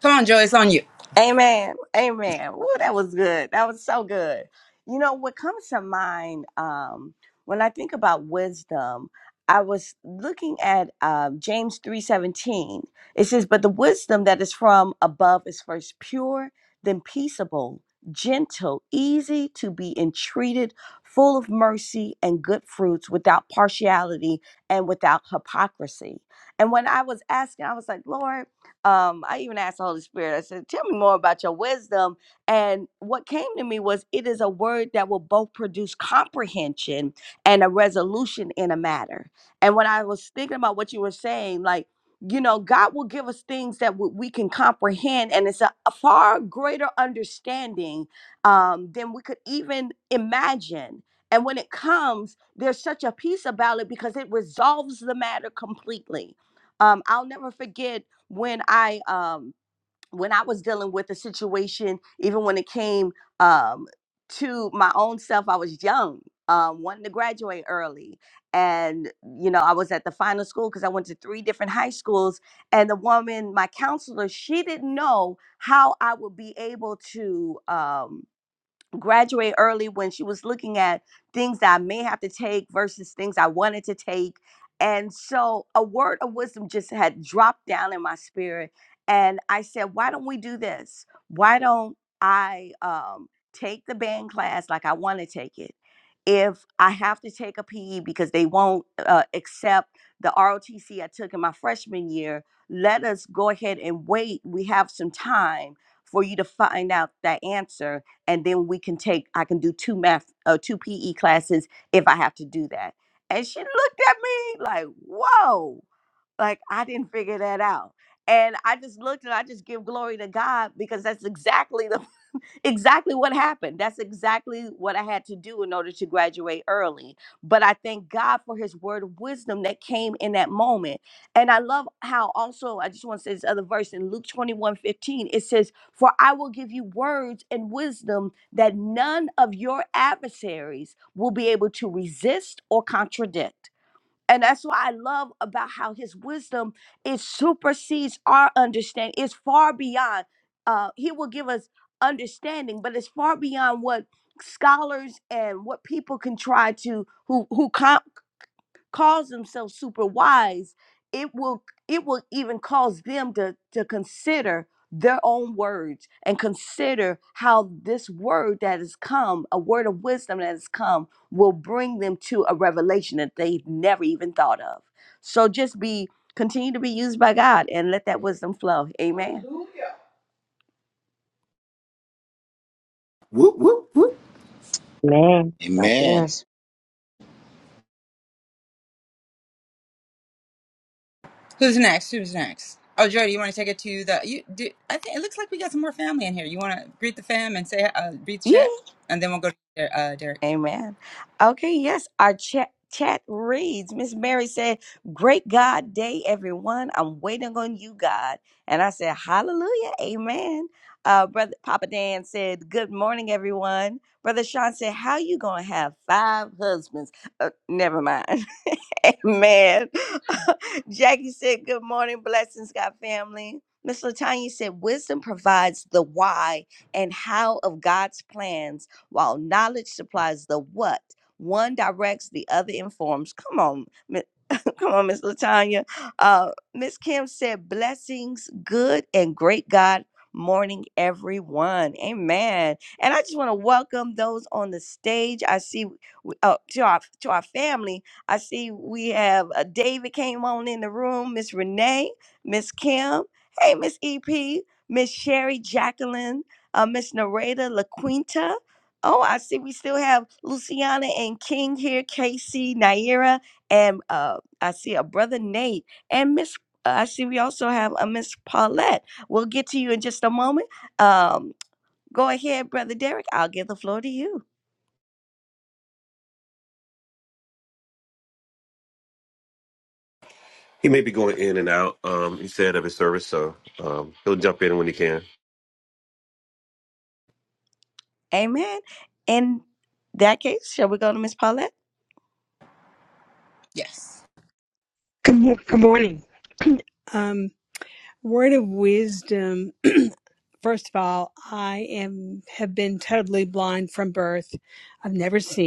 Come on, Joy. It's on you.
Amen. Amen. Ooh, that was good. That was so good. You know, what comes to mind um, when I think about wisdom, I was looking at um, James 3.17. It says, but the wisdom that is from above is first pure, then peaceable, gentle, easy to be entreated, full of mercy and good fruits, without partiality and without hypocrisy. And when I was asking, I was like, Lord, um, I even asked the Holy Spirit, I said, Tell me more about your wisdom. And what came to me was, It is a word that will both produce comprehension and a resolution in a matter. And when I was thinking about what you were saying, like, you know, God will give us things that w- we can comprehend, and it's a, a far greater understanding um, than we could even imagine. And when it comes, there's such a peace about it because it resolves the matter completely. Um, I'll never forget when I um when I was dealing with the situation, even when it came um to my own self, I was young, um, wanting to graduate early. And, you know, I was at the final school because I went to three different high schools. And the woman, my counselor, she didn't know how I would be able to um graduate early when she was looking at things that I may have to take versus things I wanted to take. And so a word of wisdom just had dropped down in my spirit. And I said, why don't we do this? Why don't I um, take the band class like I want to take it? if I have to take a PE because they won't uh, accept the ROTC I took in my freshman year, let us go ahead and wait. We have some time for you to find out that answer, and then we can take. I can do two math, uh, two PE classes if I have to do that. And she looked at me like, "Whoa!" Like I didn't figure that out. And I just looked and I just give glory to God because that's exactly the exactly what happened. That's exactly what I had to do in order to graduate early. But I thank God for his word of wisdom that came in that moment. And I love how also, I just want to say this other verse in Luke 21 15. it says, For I will give you words and wisdom that none of your adversaries will be able to resist or contradict. And that's what I love about how his wisdom it supersedes our understanding. It's far beyond. Uh, he will give us understanding, but it's far beyond what scholars and what people can try to who who com- calls themselves super wise, it will it will even cause them to to consider their own words and consider how this word that has come, a word of wisdom that has come, will bring them to a revelation that they've never even thought of. So just be continue to be used by God and let that wisdom flow. Amen.
Whoop, whoop, whoop.
Amen. God
Amen.
bless.
Who's next? Who's next? Oh, Joy, do you want to take it to the? You, do, I think it looks like we got some more family in here. You want to greet the fam and say, uh, greet the
Yeah.
chat, and then we'll go to uh, Derek.
Amen. Okay, yes, our chat chat reads. Miss Mary said, Great God day, everyone. I'm waiting on you, God. And I said, Hallelujah, amen. Uh, brother Papa Dan said, Good morning, everyone. Brother Sean said, How you gonna have five husbands? Uh, never mind. Amen. Jackie said, Good morning, blessings, God family. Miss Latanya said, Wisdom provides the why and how of God's plans while knowledge supplies the what. One directs, the other informs. Come on, Come on, Miss Latanya. Uh, Miss Kim said, "Blessings, good and great God." Morning, everyone. Amen. And I just want to welcome those on the stage. I see uh, to our to our family. I see we have uh, David came on in the room. Miss Renee, Miss Kim. Hey, Miss EP, Miss Sherry, Jacqueline, uh, Miss Nareda, LaQuinta. Oh, I see we still have Luciana and King here. Casey, Naira and uh. I see a brother Nate and Miss. uh, I see we also have a Miss Paulette. We'll get to you in just a moment. Um, go ahead, brother Derek. I'll give the floor to you.
He may be going in and out. Um, he said of his service, so um, he'll jump in when he can.
Amen. In that case, shall we go to Miss Paulette?
Yes.
Good, good morning. Um, word of wisdom. First of all, I am have been totally blind from birth. I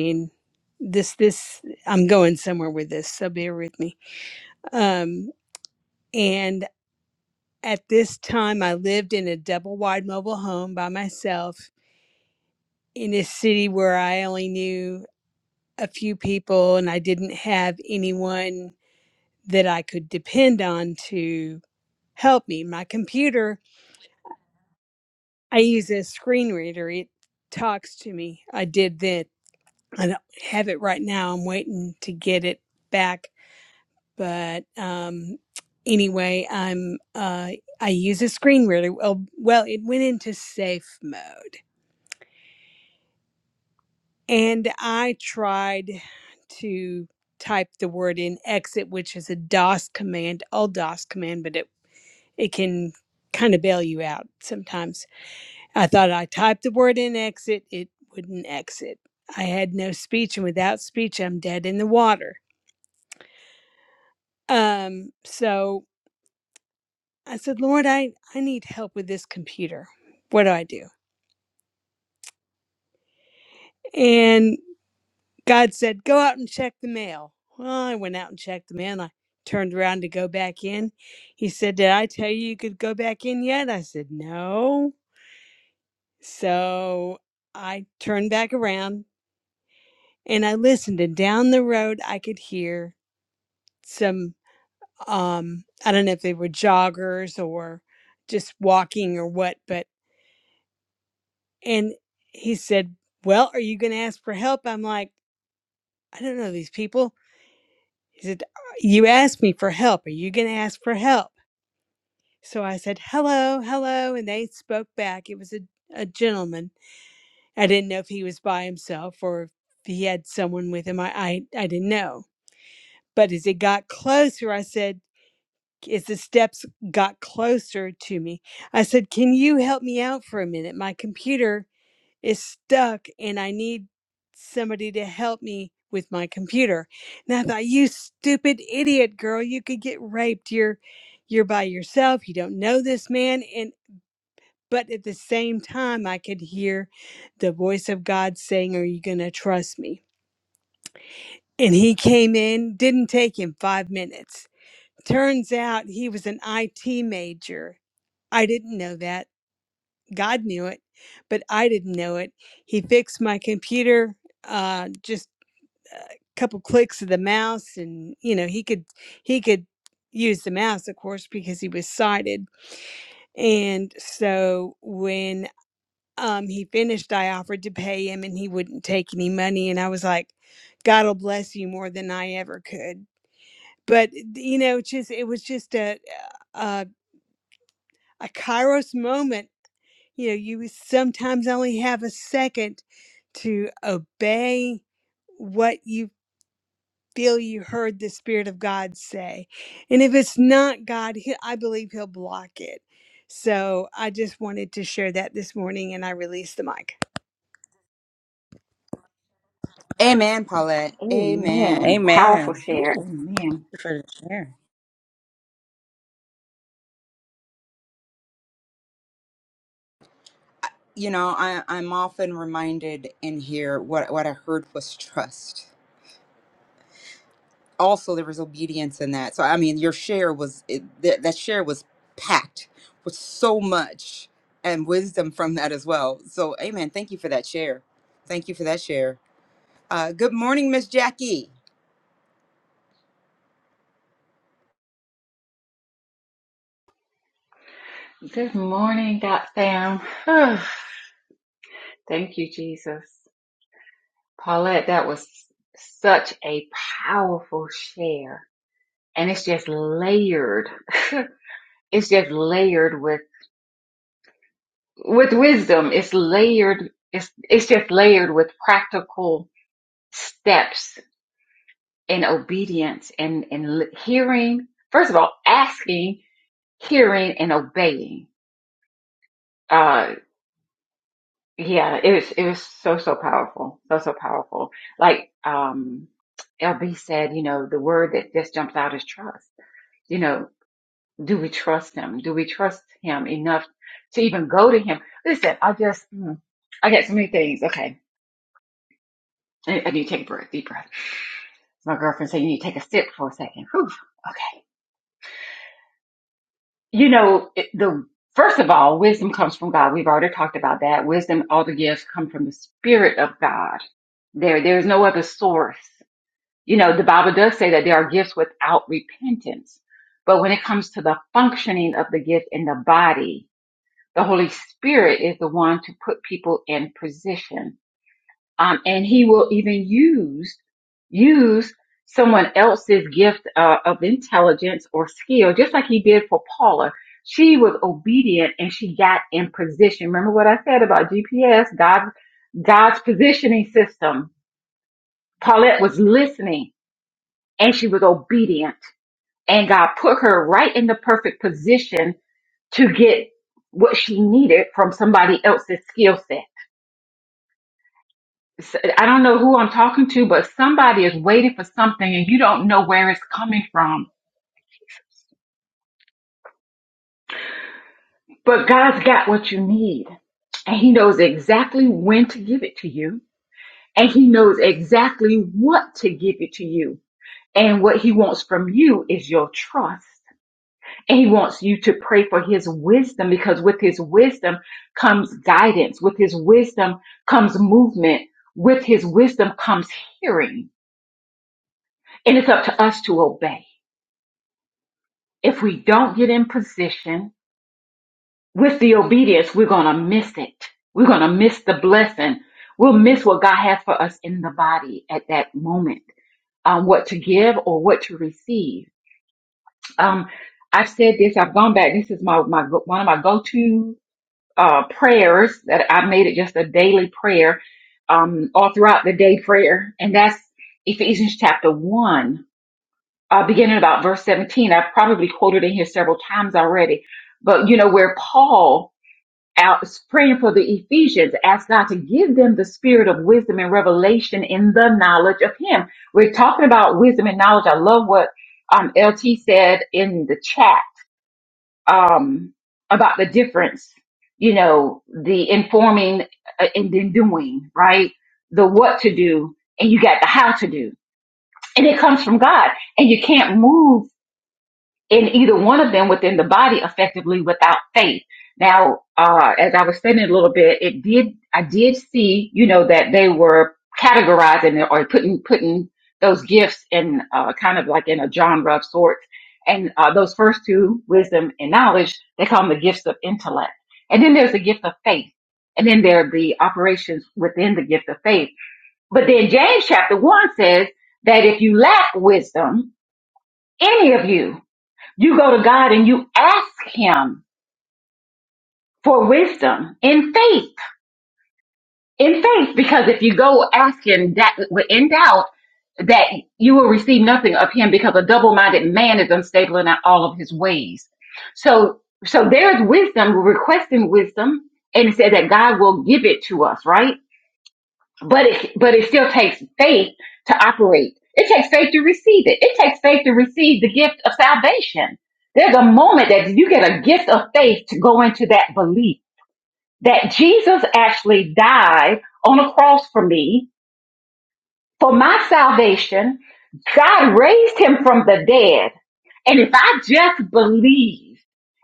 mean, this this I'm somewhere with this, so bear with me. Um, and at this, lived in a double wide mobile home by myself in a city where I only knew a few people, and I didn't have anyone that I could depend on to help me. My computer I use a screen reader. It talks to me. I did that. I don't have it right now. I'm waiting to get it back. But um, anyway, I'm uh, I use a screen reader. Well, well, it went into safe mode, and I tried to type the word in exit, which is a DOS command, all DOS command, but it it can kind of bail you out sometimes I thought I typed the word in exit, it wouldn't exit. I had no speech, and without speech, I'm dead in the water. Um, so I said, Lord, I, I need help with this computer. What do I do? And God said, Go out and check the mail. Well, I went out and checked the mail and I turned around to go back in. He said, Did I tell you you could go back in yet? I said, No. So I turned back around and I listened, and down the road, I could hear some um i don't know if they were joggers or just walking or what but and he said well are you going to ask for help i'm like i don't know these people he said "Uh, you asked me for help are you going to ask for help so i said hello hello and they spoke back it was a, a gentleman i didn't know if he was by himself or if he had someone with him i i, I didn't know but as it got closer i said as the steps got closer to me, I said, Can you help me out for a minute? My computer is stuck and I need somebody to help me with my computer. And I thought, You stupid idiot girl, you could get raped. You're you're by yourself. You don't know this man. And but at the same time I could hear the voice of God saying, Are you gonna trust me? And he came in, didn't take him five minutes. Turns out he was an IT major I didn't know that. God knew it, but I didn't know it. He fixed my computer, uh, just a couple clicks of the mouse, and you know he could he could use the mouse, of course, because he was sighted. And so when um, he finished, I offered to pay him, and he wouldn't take any money. And I was like, God will bless you more than I ever could. But you know, just it was just a a, a Kairos moment you know you sometimes only have a second to obey what you feel you heard the spirit of god say and if it's not god he, i believe he'll block it so i just wanted to share that this morning and i released the mic
Amen, Paulette. Amen.
Amen. Powerful
Amen. Woo.
share.
Thank
Amen.
you For the share.
you know, I, I'm often reminded in here what what I heard was trust. Also, there was obedience in that. So, I mean, your share was it, that that share was packed with so much and wisdom from that as well. So, Amen. Thank you for that share. Thank you for that share. Uh, good morning, Miss Jackie.
Good morning, God fam. Whew. Thank you, Jesus. Paulette, that was such a powerful share. And it's just layered. It's just layered with, with wisdom. It's layered. It's, it's just layered with practical steps and obedience and, and l- hearing. First of all, asking, hearing and obeying. Uh, Yeah, it was it was so so powerful, so so powerful. Like um LB said, you know, the word that just jumps out is trust. You know, do we trust him? Do we trust him enough to even go to him? Listen, I just mm, I got so many things. Okay, I, I need to take a breath, deep breath. My girlfriend said you need to take a sip for a second. Whew. Okay, you know it, the. First of all, wisdom comes from God. We've already talked about that. Wisdom, all the gifts come from the Spirit of God. There, there is no other source you know, the Bible does say that there are gifts without repentance. But when it comes to the functioning of the gift in the body, the Holy Spirit is the one to put people in position. Um, and he will even use, use someone else's gift uh, of intelligence or skill, just like he did for Paula. She was obedient and she got in position. Remember what I said about GPS, God's, God's positioning system. Paulette was listening and she was obedient. And God put her right in the perfect position to get what she needed from somebody else's skill set. So, I don't know who I'm talking to, but somebody is waiting for something and you don't know where it's coming from. But God's got what you need and He knows exactly when to give it to you and He knows exactly what to give it to you. And what He wants from you is your trust. And he wants you to pray for his wisdom because with his wisdom comes guidance. With his wisdom comes movement. With his wisdom comes hearing. And it's up to us to obey. If we don't get in position with the obedience, we're going to miss it. We're going to miss the blessing. We'll miss what God has for us in the body at that moment, um, what to give or what to receive. Um, I've said this. I've gone back. This is my, my, one of my go-to uh, prayers that I have made it just a daily prayer, um, all throughout the day prayer. And that's Ephesians chapter one, uh, beginning about verse 17. I've probably quoted it here several times already, but you know, where Paul out is praying for the Ephesians, asked God to give them the spirit of wisdom and revelation in the knowledge of him. We're talking about wisdom and knowledge. I love what, um, LT said in the chat um, about the difference, you know, the informing uh, and then doing, right? The what to do and you got the how to do. And it comes from God and you can't move in either one of them within the body effectively without faith. Now, uh, as I was saying a little bit, it did, I did see, you know, that they were categorizing it or putting, putting those gifts in, uh, kind of like in a genre of sorts. And, uh, those first two, wisdom and knowledge, they call them the gifts of intellect. And then there's the gift of faith. And then there are the operations within the gift of faith. But then James chapter one says that if you lack wisdom, any of you. You go to God and you ask Him for wisdom in faith, in faith, because if you go asking that in doubt, that you will receive nothing of Him because a double minded man is unstable in all of his ways. So, so there's wisdom, we're requesting wisdom, and it said that God will give it to us, right? but it but it still takes faith to operate. It takes faith to receive it. It takes faith to receive the gift of salvation. There's a moment that you get a gift of faith to go into that belief that Jesus actually died on a cross for me, for my salvation. God raised him from the dead. And if I just believe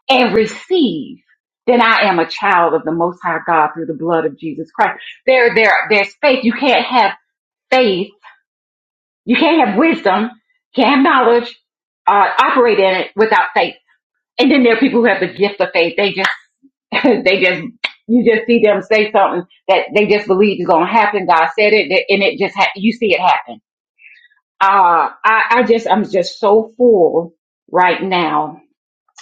and receive, then I am a child of the Most High God through the blood of Jesus Christ. There, there, there's faith. You can't have faith you can't have wisdom, can't have knowledge, uh, operate in it without faith. And then there are people who have the gift of faith. They just, they just, you just see them say something that they just believe is going to happen. God said it, and it just, ha- you see it happen. Uh, I, I just, I'm just so full right now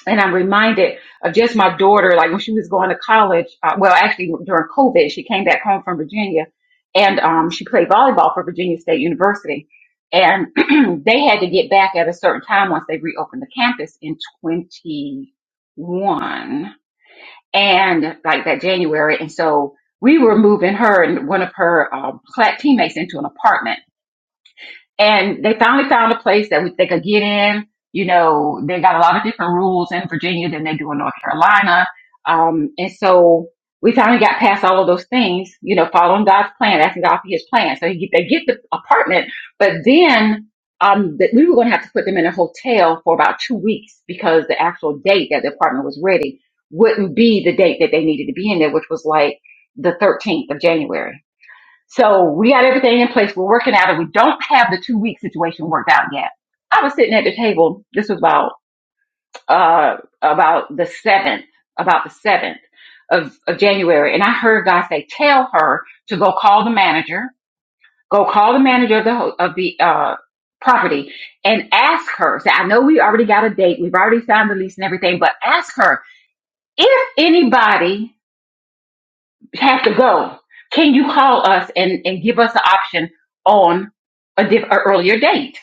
and I'm reminded of just my daughter, like when she was going to college. Uh, well, actually during COVID, she came back home from Virginia, and um, she played volleyball for Virginia State University. And they had to get back at a certain time once they reopened the campus in 21 and like that January. And so we were moving her and one of her um, cla- teammates into an apartment and they finally found a place that we, they could get in. You know, they got a lot of different rules in Virginia than they do in North Carolina. Um, and so we finally got past all of those things, you know, following God's plan, asking God for his plan. So he get, they get the apartment, but then, um, that we were going to have to put them in a hotel for about two weeks because the actual date that the apartment was ready wouldn't be the date that they needed to be in there, which was like the 13th of January. So we got everything in place. We're working out and We don't have the two week situation worked out yet. I was sitting at the table. This was about uh about the seventh, about the seventh of, of January, and I heard God say, "Tell her to go call the manager. Go call the manager of the ho- of the uh property and ask her. Say, I know we already got a date. We've already signed the lease and everything, but ask her if anybody." have to go. Can you call us and, and give us an option on a diff, a earlier date?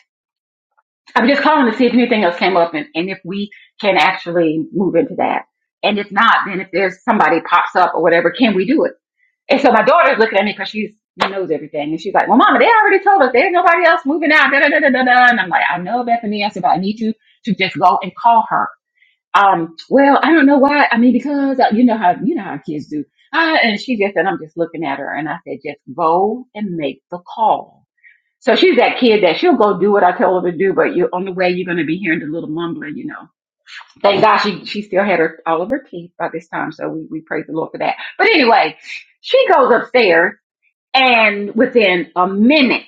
I'm just calling to see if anything else came up and, and if we can actually move into that. And if not, then if there's somebody pops up or whatever, can we do it? And so my daughter's looking at me because she's she knows everything, and she's like, "Well, Mama, they already told us there's nobody else moving out." Da, da, da, da, da, da. And I'm like, "I know, Bethany." I said, "But I need you to just go and call her um, well, I don't know why. I mean, because uh, you know how you know how kids do. Uh, and she just and I'm just looking at her, and I said, just go and make the call. So she's that kid that she'll go do what I tell her to do, but you on the way you're going to be hearing the little mumbling, you know. Thank God she she still had her all of her teeth by this time, so we we praise the Lord for that. But anyway, she goes upstairs and within a minute,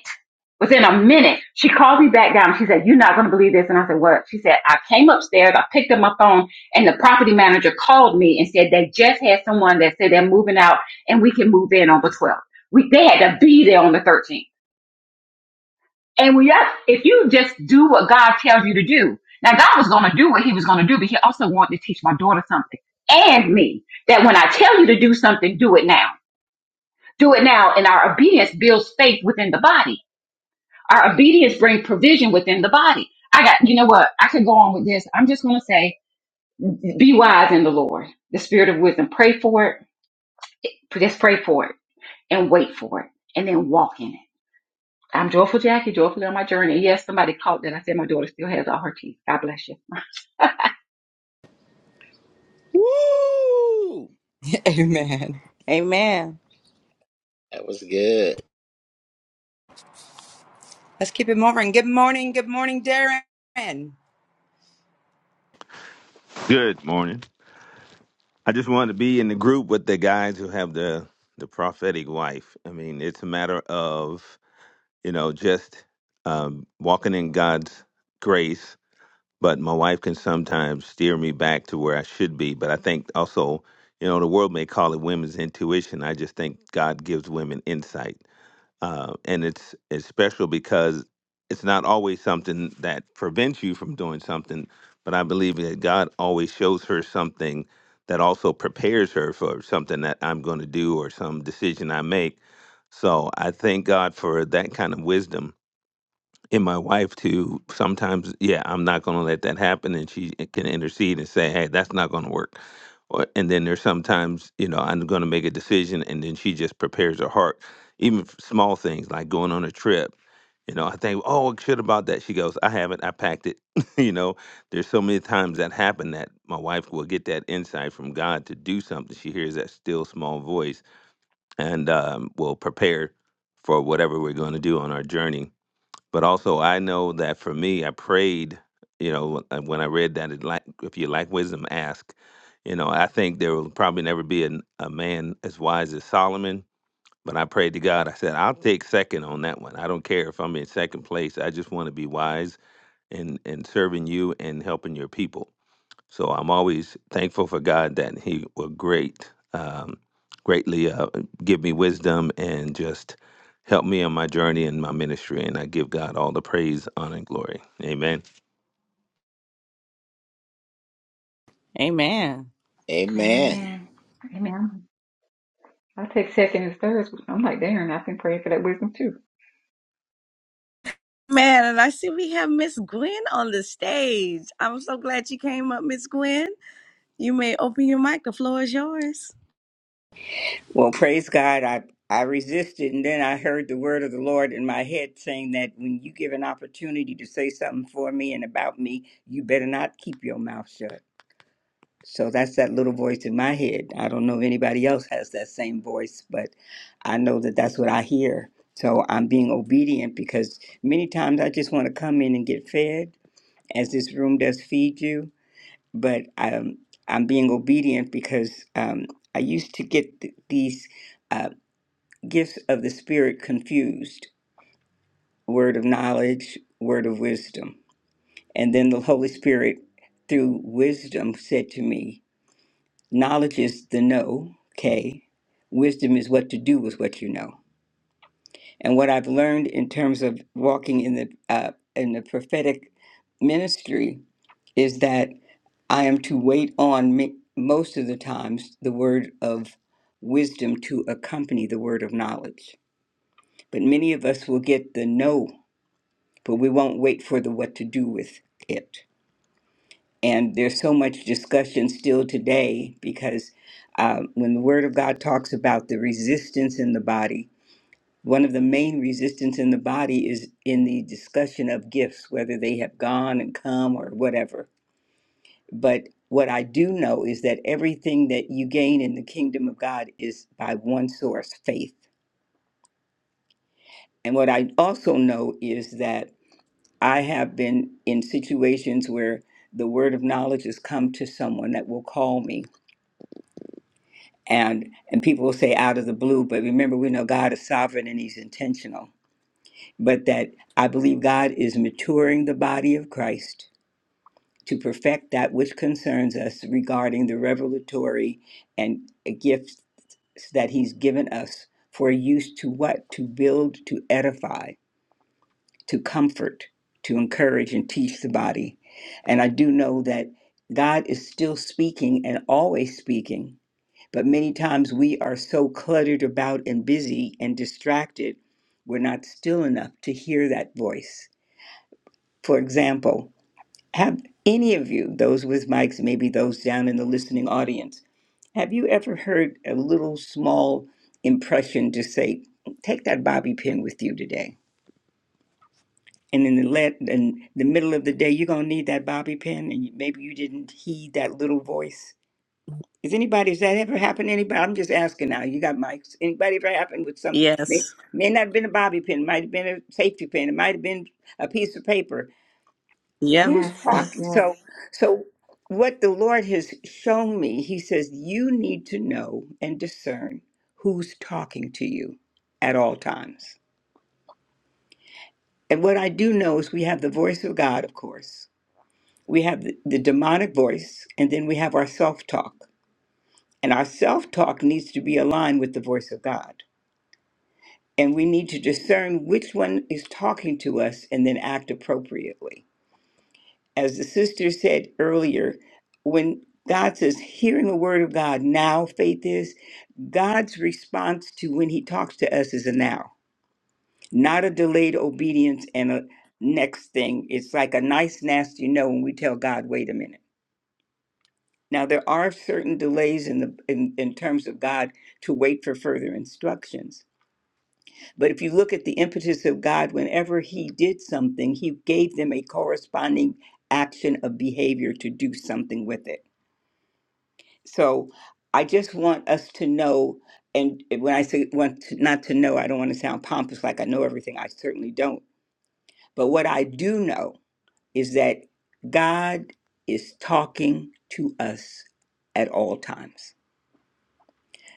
within a minute, she called me back down. She said, You're not going to believe this. And I said, What? She said, I came upstairs, I picked up my phone, and the property manager called me and said they just had someone that said they're moving out and we can move in on the 12th. We, they had to be there on the 13th. And we, if you just do what God tells you to do, now God was going to do what he was going to do, but he also wanted to teach my daughter something and me that when I tell you to do something, do it now. Do it now. And our obedience builds faith within the body. Our obedience brings provision within the body. I got, you know what? I could go on with this. I'm just going to say, be wise in the Lord, the spirit of wisdom. Pray for it. Just pray for it and wait for it and then walk in it. I'm joyful Jackie, joyfully on my journey. Yes, somebody caught that. I said my daughter still has all her teeth. God bless you.
Woo!
Amen.
Amen.
That was good.
Let's keep it moving. Good morning. Good morning, Darren. Amen.
Good morning. I just want to be in the group with the guys who have the the prophetic wife. I mean, it's a matter of you know just um, walking in God's grace. But my wife can sometimes steer me back to where I should be. But I think also, you know, the world may call it women's intuition. I just think God gives women insight uh, and it's it's special because it's not always something that prevents you from doing something, but I believe that God always shows her something that also prepares her for something that I'm going to do or some decision I make. So I thank God for that kind of wisdom in my wife to sometimes, yeah, I'm not going to let that happen. And she eh, can intercede and say, hey, that's not going to work. Or- And then there's sometimes, you know, I'm going to make a decision and then she just prepares her heart, even f- small things like going on a trip. You know, I think, oh, shit about that. She goes, I haven't, I packed it. you know, there's so many times that happen that my wife will get that insight from God to do something. She hears that still small voice and um, will prepare for whatever we're going to do on our journey but also I know that for me, I prayed. You know, uh, when I read that, it like if you like wisdom, ask. You know, I think there will probably never be an, a man as wise as Solomon. But I prayed to God. I said, I'll take second on that one. I don't care if I'm in second place. I just want to be wise in in serving you and helping your people. So I'm always thankful for God that He will great, um, greatly uh, give me wisdom and just help me on my journey and my ministry. And I give God all the praise, honor, and glory. Amen.
Amen.
Amen.
Amen. Amen. I take second and thirds. I'm like, Darren, I've been praying for that wisdom too.
Man, and I see we have Miss Gwen on the stage. I'm so glad you came up, Miss Gwen. You may open your mic. The floor is yours.
Well, praise God. I, I resisted, and then I heard the word of the Lord in my head saying that when you give an opportunity to say something for me and about me, you better not keep your mouth shut. So that's that little voice in my head. I don't know if anybody else has that same voice, but I know that that's what I hear. So I'm being obedient because many times I just want to come in and get fed, as this room does feed you. But um, I'm being obedient because um, I used to get th- these. uh, gifts of the Spirit confused word of knowledge, word of wisdom. And then the Holy Spirit, through wisdom, said to me, Knowledge is the know, K. Wisdom is what to do with what you know. And what I've learned in terms of walking in the, uh, in the prophetic ministry is that I am to wait on me, most of the times the word of wisdom to accompany the word of knowledge. But many of us will get the no but we won't wait for the what to do with it. And there's so much discussion still today because um, when the Word of God talks about the resistance in the body, one of the main resistance in the body is in the discussion of gifts, whether they have gone and come or whatever. But what I do know is that everything that you gain in the kingdom of God is by one source, faith. And what I also know is that I have been in situations where the word of knowledge has come to someone that will call me and and people will say out of the blue but remember we know God is sovereign and he's intentional but that I believe God is maturing the body of Christ to perfect that which concerns us regarding the revelatory and gifts that he's given us for use to what to build to edify to comfort, to encourage, and teach the body. And I do know that God is still speaking and always speaking, but many times we are so cluttered about and busy and distracted, we're not still enough to hear that voice. For example, have any of you, those with mics, maybe those down in the listening audience, have you ever heard a little small impression to say, take that bobby pin with you today? and in the let in the middle of the day you're gonna need that bobby pin and you- maybe you didn't heed that little voice is anybody has that ever happened to anybody i'm just asking now you got mics anybody ever happened with something may,
Yes.
may not have been a bobby pin might have been a safety pin it might have been a piece of paper
Yep.
who's
Yes, yes,
talking
yes.
so so what the lord has shown me he says you need to know and discern who's talking to you at all times and what i do know is we have the voice of god of course we have the, the demonic voice, and then we have our self talk. And our self talk needs to be aligned with the voice of God. And we need to discern which one is talking to us and then act appropriately. As the sister said earlier, when God says, hearing the word of God now, faith is, God's response to when he talks to us is a now, not a delayed obedience and a next thing. It's like a nice, nasty no when we tell God, wait a minute. Now, there are certain delays in, the, in, in terms of God to wait for further instructions. But if you look at the impetus of God, whenever He did something, He gave them a corresponding action of behavior to do something with it. So I just want us to know, and when I say want to, not to know, I don't want to sound pompous like I know everything. I certainly don't. But what I do know is that God is talking to us at all times.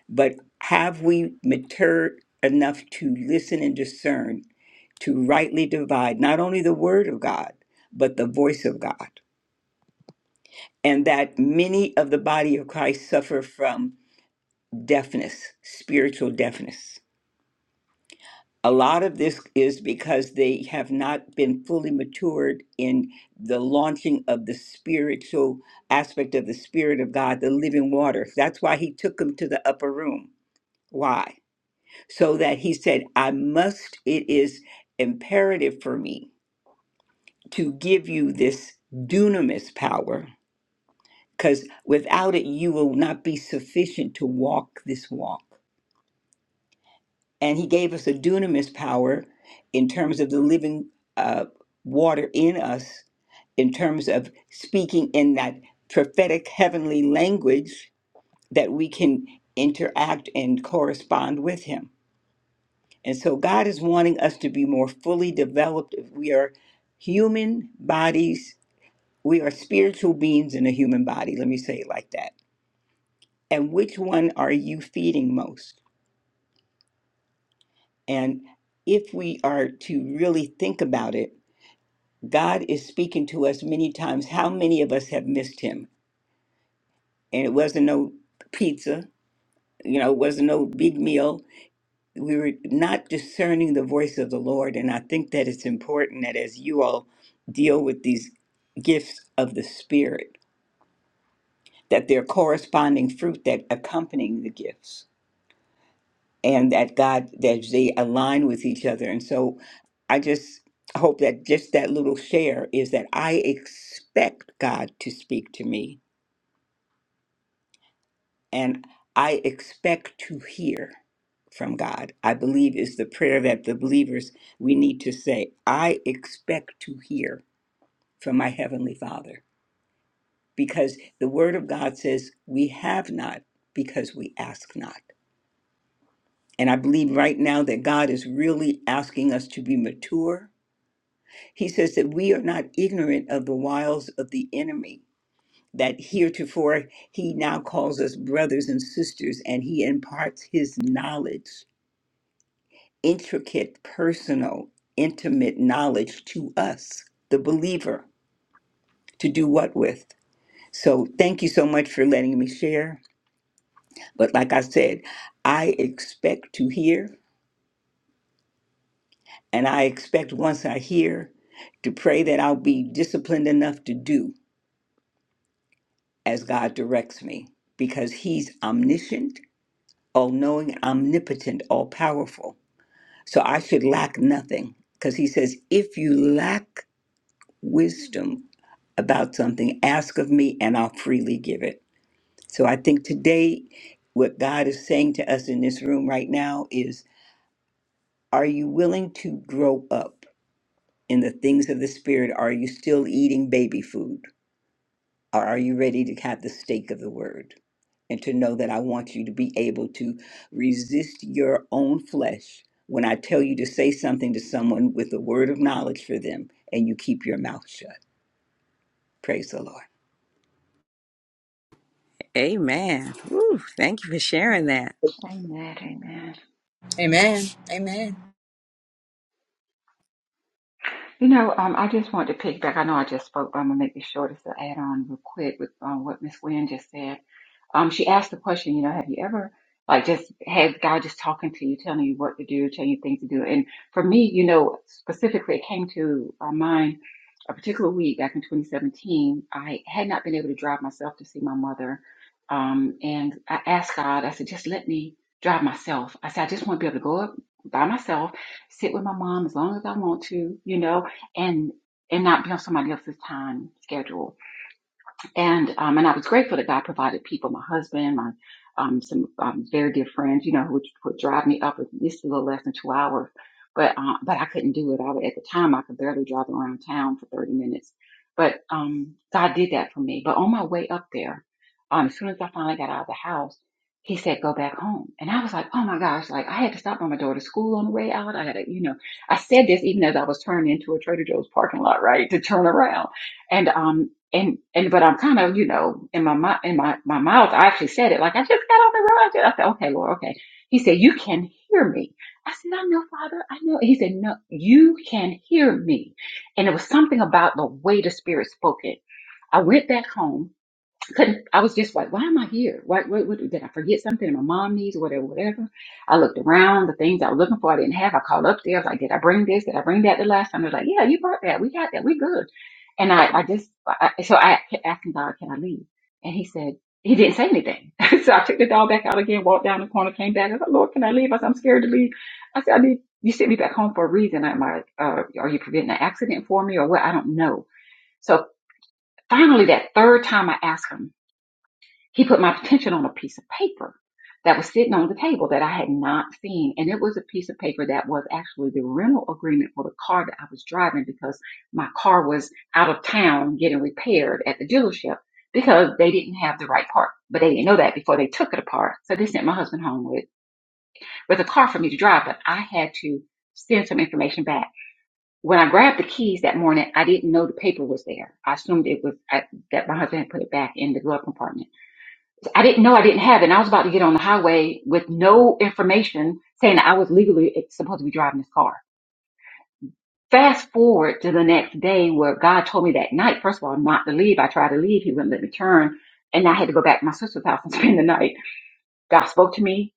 But have we matured enough to listen and discern to rightly divide not only the word of God, but the voice of God? And that many of the body of Christ suffer from deafness, spiritual deafness. A lot of this is because they have not been fully matured in the launching of the spiritual aspect of the Spirit of God, the living water. That's why he took them to the upper room. Why? So that he said, I must, it is imperative for me to give you this dunamis power, because without it, you will not be sufficient to walk this walk. And he gave us a dunamis power in terms of the living uh, water in us, in terms of speaking in that prophetic heavenly language that we can interact and correspond with him. And so God is wanting us to be more fully developed. If we are human bodies, we are spiritual beings in a human body. Let me say it like that. And which one are you feeding most? And if we are to really think about it, God is speaking to us many times. How many of us have missed him? And it wasn't no pizza, you know, it wasn't no big meal we were not discerning the voice of the Lord. And I think that it's important that as you all deal with these gifts of the Spirit, that there are corresponding fruit that accompanying the gifts and that God, that they align with each other. And so I just hope that just that little share is that I expect God to speak to me and I expect to hear from God. I believe is the prayer that the believers we need to say, I expect to hear from my heavenly Father because the word of God says we have not because we ask not. And I believe right now that God is really asking us to be mature. He says that we are not ignorant of the wiles of the enemy, that heretofore he now calls us brothers and sisters, and he imparts his knowledge intricate, personal, intimate knowledge to us, the believer, to do what with. So thank you so much for letting me share. But like I said, I expect to hear, and I expect once I hear to pray that I'll be disciplined enough to do as God directs me because He's omniscient, all knowing, omnipotent, all powerful. So I should lack nothing because He says, if you lack wisdom about something, ask of me and I'll freely give it. So I think today, what God is saying to us in this room right now is Are you willing to grow up in the things of the Spirit? Are you still eating baby food? Or are you ready to have the steak of the word? And to know that I want you to be able to resist your own flesh when I tell you to say something to someone with a word of knowledge for them and you keep your mouth shut. Praise the Lord.
Amen. Woo, thank you for sharing that.
Amen. Amen.
Amen.
You know, um, I just wanted to piggyback. I know I just spoke, but I'm gonna make this short as an add-on real quick with um, what Miss Wynn just said. Um, she asked the question, you know, have you ever like just had God just talking to you, telling you what to do, telling you things to do? And for me, you know, specifically, it came to uh, mind a particular week back in 2017. I had not been able to drive myself to see my mother, um, and I asked God. I said, just let me drive myself. I said, I just want to be able to go up by myself sit with my mom as long as I want to, you know, and and not be on somebody else's time schedule and um, and I was grateful that God provided people, my husband, my um, some um, very dear friends, you know, who would, would drive me up at least a little less than two hours. But uh, but I couldn't do it. I would, at the time I could barely drive around town for thirty minutes. But um, God did that for me. But on my way up there, um, as soon as I finally got out of the house, He said, "Go back home." And I was like, "Oh my gosh!" Like I had to stop by my daughter's school on the way out. I had to, you know, I said this even as I was turning into a Trader Joe's parking lot, right, to turn around. And um, and and but I'm kind of you know in my mouth in my my mouth I actually said it like I just got on the road. I, just, I said okay Lord okay. He said you can hear me. I said I know Father I know. He said no you can hear me, and it was something about the way the Spirit spoke it. I went back home couldn't I was just like, why am I here? What, what, what did I forget something? that My mom needs whatever, whatever. I looked around, the things I was looking for I didn't have. I called up there, I was like, Did I bring this? Did I bring that the last time? They're like, Yeah, you brought that. We got that, we good. And I, I just I- so I kept asking God, Can I leave? And he said, he didn't say anything. so I took the dog back out again, walked down the corner, came back. I was like, Lord, can I leave? I said, I'm scared to leave. I said, I need you sent me back home for a reason. Am I, uh, are you preventing an accident for me or what? I don't know. So finally, that third time I asked him, he put my attention on a piece of paper that was sitting on the table that I had not seen. And it was a piece of paper that was actually the rental agreement for the car that I was driving because my car was out of town getting repaired at the dealership because they didn't have the right part. But they didn't know that before they took it apart. So they sent my husband home with, with a car for me to drive, but I had to send some information back. When I grabbed the keys that morning, I didn't know the paper was there. I assumed it was I, that my husband had put it back in the glove compartment. I didn't know I didn't have it. And I was about to get on the highway with no information saying that I was legally supposed to be driving this car. Fast forward to the next day where God told me that night, first of all, not to leave. I tried to leave. He wouldn't let me turn. And I had to go back to my sister's house and spend the night. God spoke to me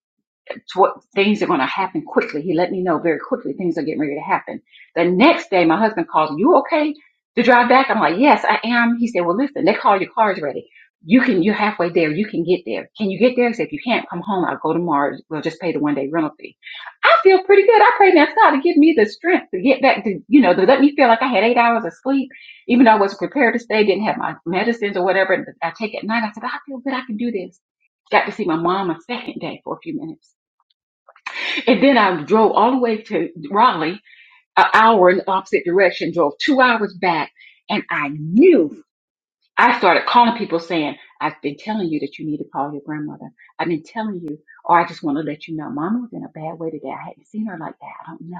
to what things are going to happen quickly. He let me know very quickly things are getting ready to happen. The next day, my husband calls, "You okay to drive back?" I'm like, "Yes, I am." He said, "Well, listen, they call your car's ready. You can. You're halfway there. You can get there. Can you get there?" He said, "If you can't come home, I'll go tomorrow. We'll just pay the one day rental fee." I feel pretty good. I pray now God to give me the strength to get back to, you know, to let me feel like I had eight hours of sleep, even though I wasn't prepared to stay, didn't have my medicines or whatever I take at night. I said, I feel good. I can do this. Got to see my mom a second day for a few minutes and then I drove all the way to Raleigh, an hour in the opposite direction, drove two hours back, and I knew. I started calling people saying, I've been telling you that you need to call your grandmother. I've been telling you, or I just want to let you know, Mama was in a bad way today. I hadn't seen her like that. I don't know.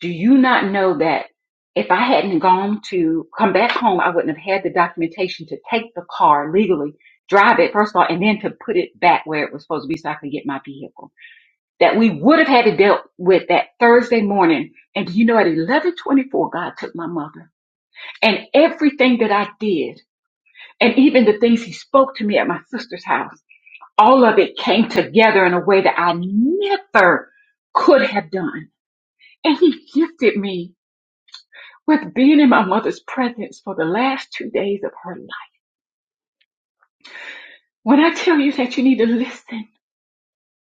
Do you not know that if I hadn't gone to come back home, I wouldn't have had the documentation to take the car legally, drive it, first of all, and then to put it back where it was supposed to be so I could get my vehicle? that we would have had to deal with that Thursday morning. And you know, at 1124, God took my mother and everything that I did and even the things he spoke to me at my sister's house, all of it came together in a way that I never could have done. And he gifted me with being in my mother's presence for the last two days of her life. When I tell you that you need to listen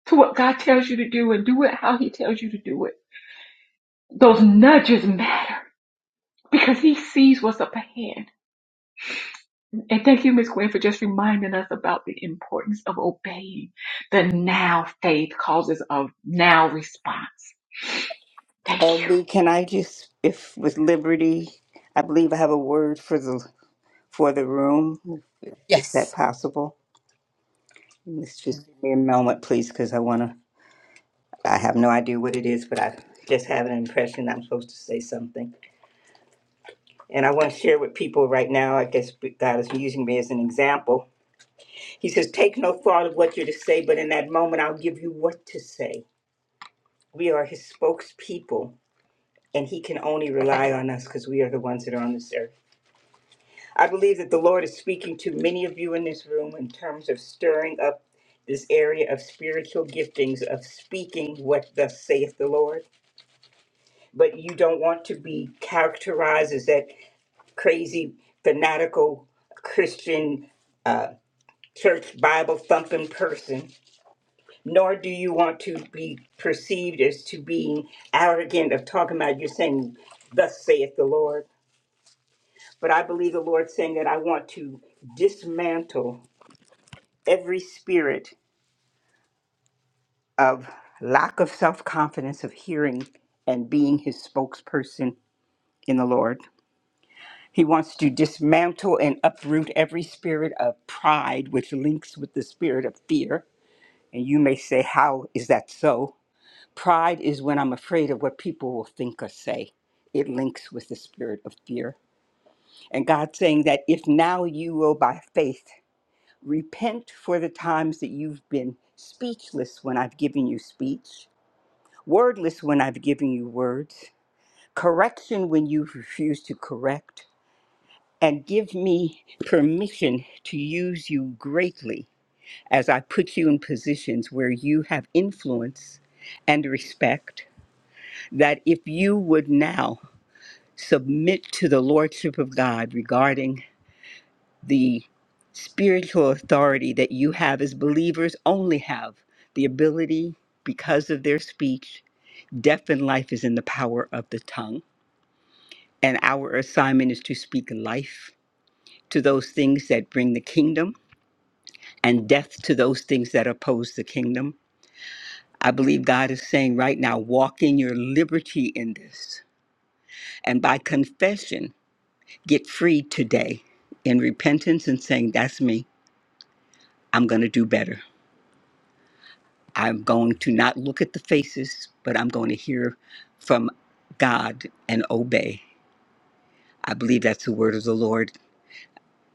to what God tells you to do and do it how he tells you to do it, those nudges matter because he sees what's up ahead. And thank you, Ms. Gwen, for just reminding us about the importance of obeying the now faith causes of now response. Thank you.
LB, can I just, if with Liberty, I believe I have a word for the for the room. Is that
Yes.
possible? Let's just give me a moment, please, because I want to. I have no idea what it is, but I just have an impression I'm supposed to say something. And I want to share with people right now. I guess God is using me as an example. He says, Take no thought of what you're to say, but in that moment, I'll give you what to say. We are His spokespeople, and He can only rely on us because we are the ones that are on this earth. I believe that the Lord is speaking to many of you in this room in terms of stirring up this area of spiritual giftings, of speaking what thus saith the Lord. But you don't want to be characterized as that crazy, fanatical Christian church Bible thumping person, nor do you want to be perceived as to being arrogant of talking about you're saying, Thus saith the Lord. But I believe the Lord's saying that I want to dismantle every spirit of lack of self confidence of hearing and being his spokesperson in the Lord. He wants to dismantle and uproot every spirit of pride, which links with the spirit of fear. And you may say, How is that so? Pride is when I'm afraid of what people will think or say. It links with the spirit of fear. And God's saying that if now you will, by faith, repent for the times that you've been speechless when I've given you speech, wordless when I've given you words, correction when you refuse to correct, and give me permission to use you greatly as I put you in positions where you have influence and respect. That if you would now submit to the Lordship of God regarding the spiritual authority that you have as believers only have the ability because of their speech death and life is in the power of the tongue And our assignment is to speak life to those things that bring the kingdom and death to those things that oppose the kingdom. I believe God is saying right now, walk in your liberty in this. And by confession, get free today in repentance and saying, That's me. I'm going to do better. I'm going to not look at the faces, but I'm going to hear from God and obey. I believe that's the word of the Lord.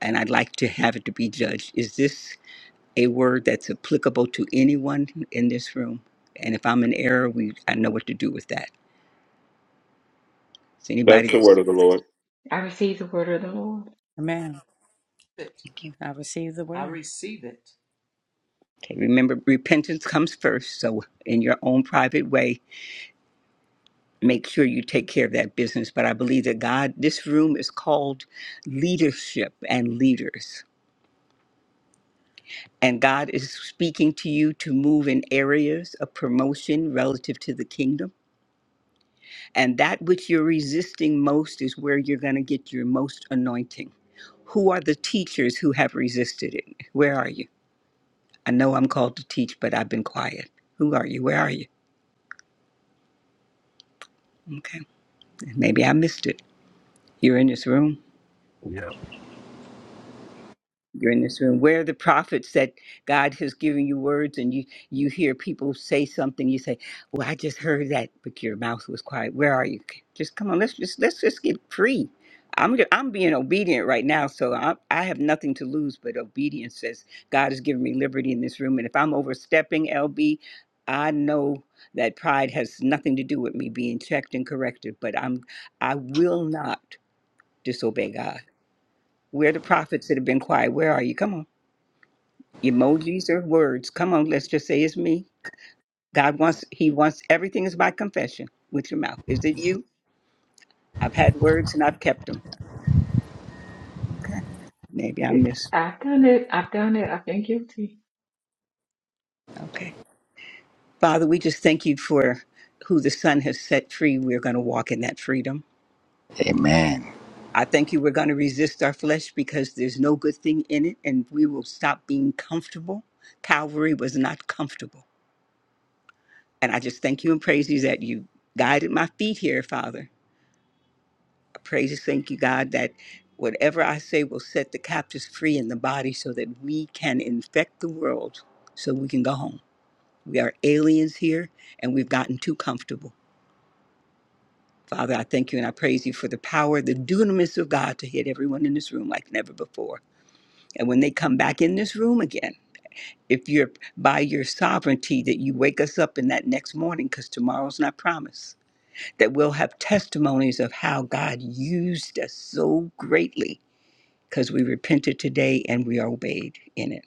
And I'd like to have it to be judged. Is this a word that's applicable to anyone in this room. And if I'm in error, we I know what to do with that. Is anybody
That's the word
okay?
of the Lord.
I receive the word of the Lord.
Amen. I receive the word.
Remember, repentance comes first. So in your own private way, make sure you take care of that business. But I believe that God, this room is called leadership and leaders. And God is speaking to you to move in areas of promotion relative to the kingdom. And that which you're resisting most is where you're going to get your most anointing Who are the teachers who have resisted it? Where are you? I know I'm called to teach, but I've been quiet. Who are you? Where are you? Okay. Maybe I missed it. You're in this room.
Yep.
you're in this room where are the prophets that god has given you words and you you hear people say something you say well i just heard that but your mouth was quiet where are you just come on let's just let's just get free i'm ju- i'm being obedient right now so i i have nothing to lose but obedience says god has given me liberty in this room and if i'm overstepping lb i know that pride has nothing to do with me being checked and corrected but i'm i will not disobey god where are the prophets that have been quiet where are you come on emojis or words. Come on, let's just say it's me. God wants, He wants everything is by confession with your mouth. Is it you? I've had words and I've kept them. Okay. Maybe I
It,
missed.
I've done it. I've done it. I've been guilty.
Okay. Father, we just thank you for who the Son has set free. We're going to walk in that freedom.
Amen.
I thank you. We're going to resist our flesh because there's no good thing in it, and we will stop being comfortable. Calvary was not comfortable. And I just thank you and praise you that you guided my feet here, Father Praise, thank you, God, that whatever I say will set the captives free in the body so that we can infect the world so we can go home. We are aliens here and we've gotten too comfortable. Father, I thank you and I praise you for the power, the dunamis of God to hit everyone in this room like never before. And when they come back in this room again, if you're by your sovereignty that you wake us up in that next morning, because tomorrow's not promised, that we'll have testimonies of how God used us so greatly because we repented today and we obeyed in it.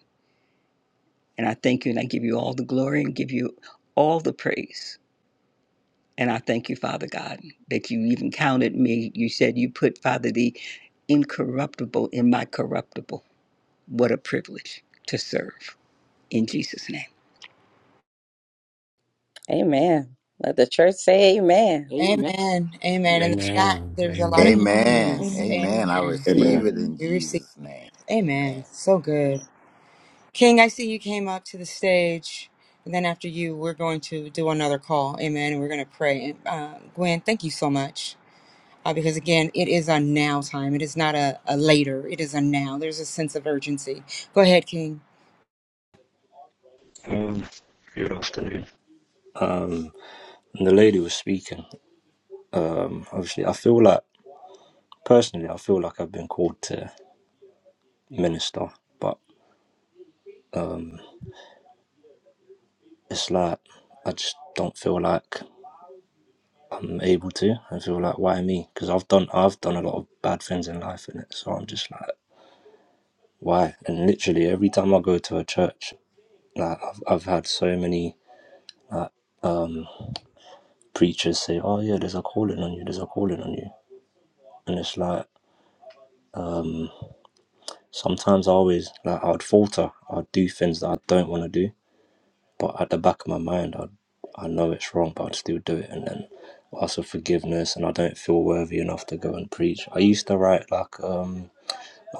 And I thank you and I give you all the glory and give you all the praise. And I thank you, Father God, that you even counted me. You said you put, Father, the incorruptible in my corruptible. What a privilege to serve in Jesus' name.
Amen. Let the church say amen.
Amen. Amen. In the chat,
Amen.
there's a lot of
Amen.
good
Amen.
Amen.
news.
Amen.
Amen.
I
Amen.
receive
Amen.
it in
Amen.
We receive.
Jesus' name.
Amen.
Amen.
So good. King, I see you came up to the stage. And then after you, we're going to do another call. Amen. And we're going to pray. And uh, Gwen, thank you so much. Uh, because again, it is a now time. It is not a, a later. It is a now. There's a sense of urgency. Go ahead, King.
Um, good afternoon. Um, and the lady was speaking. Um, obviously, I feel like personally, I feel like I've been called to minister, but it's like I just don't feel like I'm able to. I feel like why me? Because I've done I've done a lot of bad things in life, in it. So I'm just like why? And literally every time I go to a church, like I've I've had so many like um preachers say, oh yeah, there's a calling on you, there's a calling on you, and it's like um. Sometimes I always like I'd falter. I'd do things that I don't want to do, but at the back of my mind, I I know it's wrong, but I'd still do it. And then ask for forgiveness, and I don't feel worthy enough to go and preach. I used to write like um,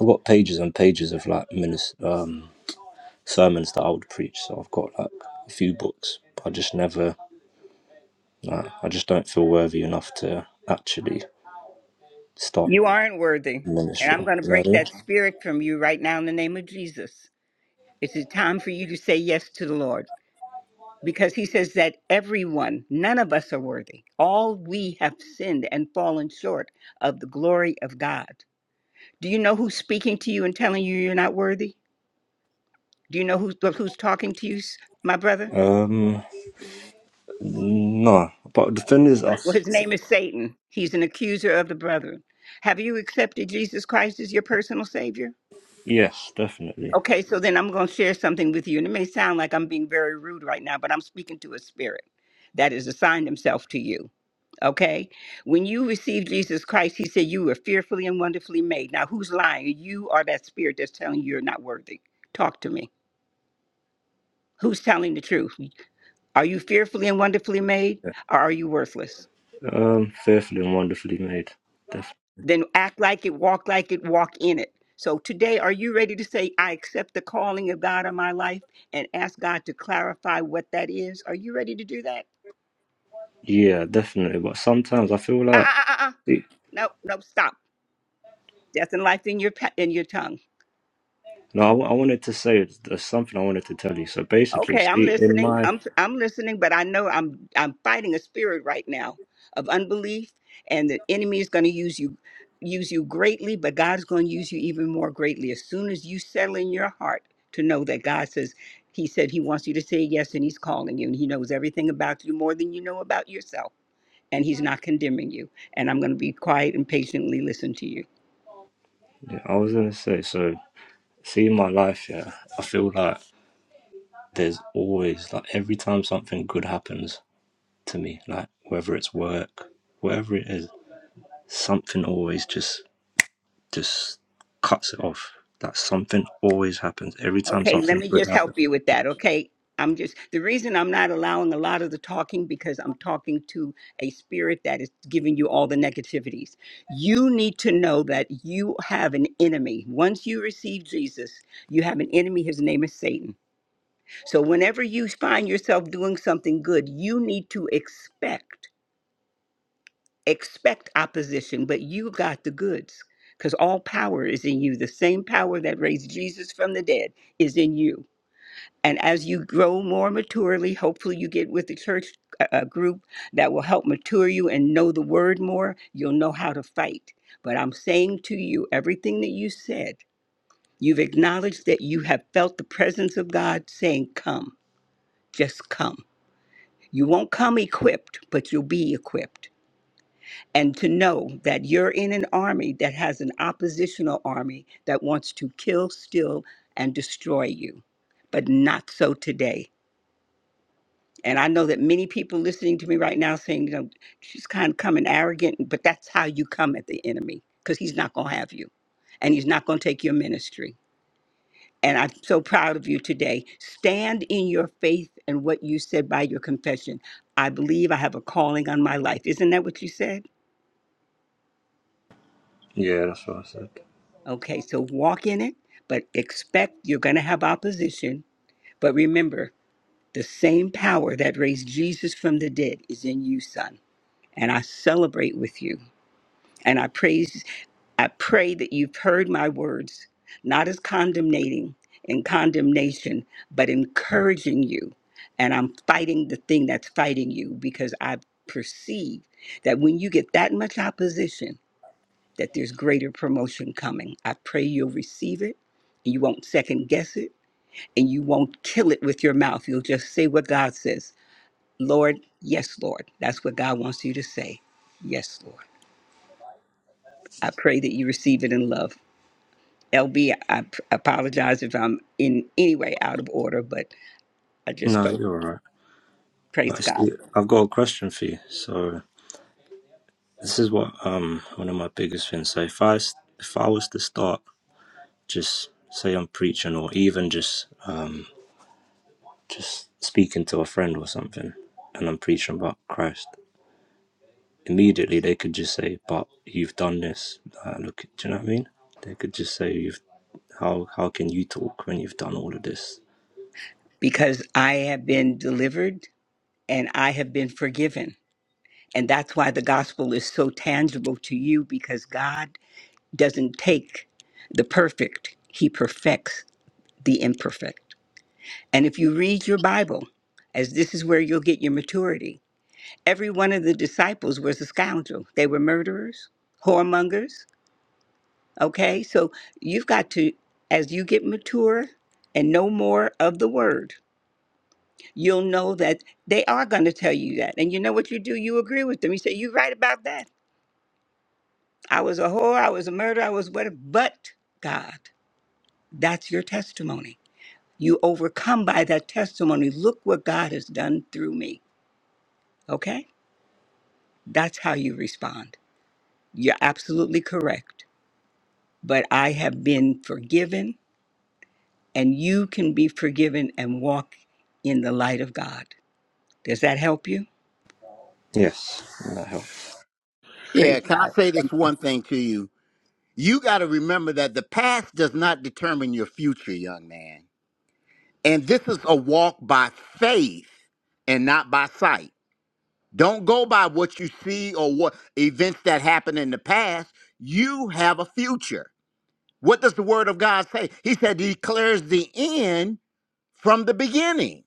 I've got pages and pages of like minis- um sermons that I would preach. So I've got like a few books, but I just never. Nah, I just don't feel worthy enough to actually start
You aren't worthy. And I'm
ministering.
going to
You know
break
what
that spirit from you right now in the name of Jesus. It's a time for you to say yes to the Lord. because he says that everyone, none of us are worthy. All we have sinned and fallen short of the glory of God. Do you know who's speaking to you and telling you you're not worthy? Do you know who's, who's talking to you, s- my brother?
I mean? Um, no, but the thing is, I,
Well, his name is Satan. He's an accuser of the brethren. Have you accepted Jesus Christ as your personal Savior?
Yes, definitely.
Okay, so then I'm going to share something with you. And it may sound like I'm being very rude right now, but I'm speaking to a spirit that has assigned himself to you. Okay. When you received Jesus Christ, he said you were fearfully and wonderfully made. Now, who's lying? You are that spirit that's telling you you're not worthy. Talk to me. Who's telling the truth? Are you fearfully and wonderfully made
Yeah.
or are you worthless?
Um, fearfully and wonderfully made. Def-
Then act like it, walk like it, walk in it. So today, are you ready to say, I accept the calling of God on my life and ask God to clarify what that is? Are you ready to do that?
yeah, definitely. But sometimes I feel
Uh,
like
uh, uh, uh.
see,
No, no, stop. Death and life in your, pa- in your tongue.
no, I, wa- I wanted to say there's something I wanted to tell you. So basically,
Okay, I'm
see, in
listening.
my,
I'm I'm listening, but I know I'm I'm fighting a spirit right now of unbelief, and the enemy is going to use you use you greatly, but God's going to use you even more greatly as soon as you settle in your heart to know that God says He said He wants you to say yes, and He's calling you, and He knows everything about you more than you know about yourself, and He's not condemning you. And I'm going to be quiet and patiently listen to you.
yeah, I was gonna say, so see, in my life, yeah, I feel like there's always like every time something good happens to me, like whether it's work, whatever it is, something always just just cuts it off. That something always happens every time
Okay, let
something
me
good
just
happens.
help you with that. Okay, I'm just the reason I'm not allowing a lot of the talking because I'm talking to a spirit that is giving you all the negativities. You need to know that you have an enemy. Once you receive Jesus, you have an enemy. His name is Satan. So whenever you find yourself doing something good, you need to expect expect opposition, but you got the goods because all power is in you. The same power that raised Jesus from the dead is in you. And as you grow more maturely, hopefully you get with the church uh, uh, group that will help mature you and know the word more. You'll know how to fight. But I'm saying to you, everything that you said, you've acknowledged that you have felt the presence of God saying, Come, just come. You won't come equipped, but you'll be equipped. And to know that you're in an army that has an oppositional army that wants to kill, steal, and destroy you. But not so today And I know that many people listening to me right now saying, you know, she's kind of coming arrogant, but that's how you come at the enemy because he's not going to have you and he's not going to take your ministry. And I'm so proud of you today. Stand in your faith and what you said by your confession. I believe I have a calling on my life. Isn't that what you said?
Yeah, that's what I said.
Okay, so walk in it, but expect you're going to have opposition. But remember, the same power that raised Jesus from the dead is in you, son. And I celebrate with you And I praise, I pray that you've heard my words, not as condemnating and condemnation, but encouraging you. And I'm fighting the thing that's fighting you because I perceive that when you get that much opposition, that there's greater promotion coming. I pray you'll receive it and you won't second guess it and you won't kill it with your mouth. You'll just say what God says. Lord, yes, Lord. That's what God wants you to say. Yes, Lord. I pray that you receive it in love. LB, I p- apologize if I'm in any way out of order, but I just
No,
felt
you're all right. But I
praise God
see, I've got a question for you. So this is what um one of my biggest things. So if I s- if I was to start, just say I'm preaching, or even just um just speaking to a friend or something, and I'm preaching about Christ, immediately they could just say, "But you've done this." Uh, look, do you know what I mean? They could just say, "You've how how can you talk when you've done all of this?"
because I have been delivered and I have been forgiven. And that's why the gospel is so tangible to you because God doesn't take the perfect, He perfects the imperfect. And if you read your Bible, as this is where you'll get your maturity, every one of the disciples was a scoundrel. They were murderers, whoremongers, Okay, so you've got to, as you get mature and know more of the word, you'll know that they are going to tell you that. And you know what you do? You agree with them. You say, You're right about that. I was a whore, I was a murderer, I was whatever. But God, that's your testimony. You overcome by that testimony. Look what God has done through me. Okay? That's how you respond. You're absolutely correct. But I have been forgiven. and you can be forgiven and walk in the light of God. Does that help you?
Yes, that helped.
Yeah,
Praise
can I
God.
say this
Thank you.
one thing to you? You got to remember that the past does not determine your future, young man. And this is a walk by faith and not by sight. Don't go by what you see or what events that happened in the past. You have a future. What does the word of God say? He said he declares the end from the beginning.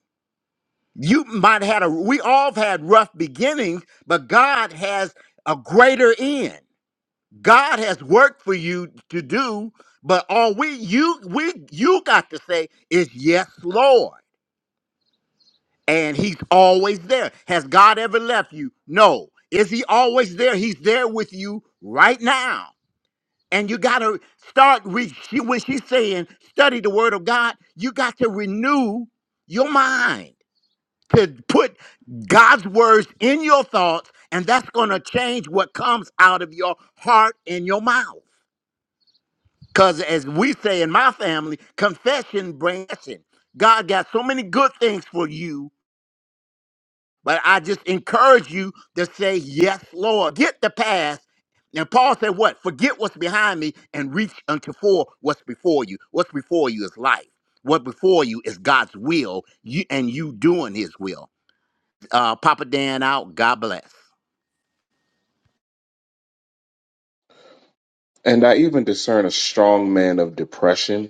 You might have had a we all have had rough beginnings, but God has a greater end. God has work for you to do, but all we you we you got to say is yes, Lord. and he's always there. Has God ever left you? No. Is he always there? He's there with you right now. And you got to start re- she, when she's saying study the word of God, you got to renew your mind to put God's words in your thoughts and that's going to change what comes out of your heart and your mouth. Cuz as we say in my family, confession brings blessing. God got so many good things for you But I just encourage you to say, Yes, Lord. Get the past. And Paul said, What? Forget what's behind me and reach unto for what's before you. What's before you is life. What before you is God's will you, and you doing his will. Uh, Papa Dan out. God bless.
And I even discern a strong man of depression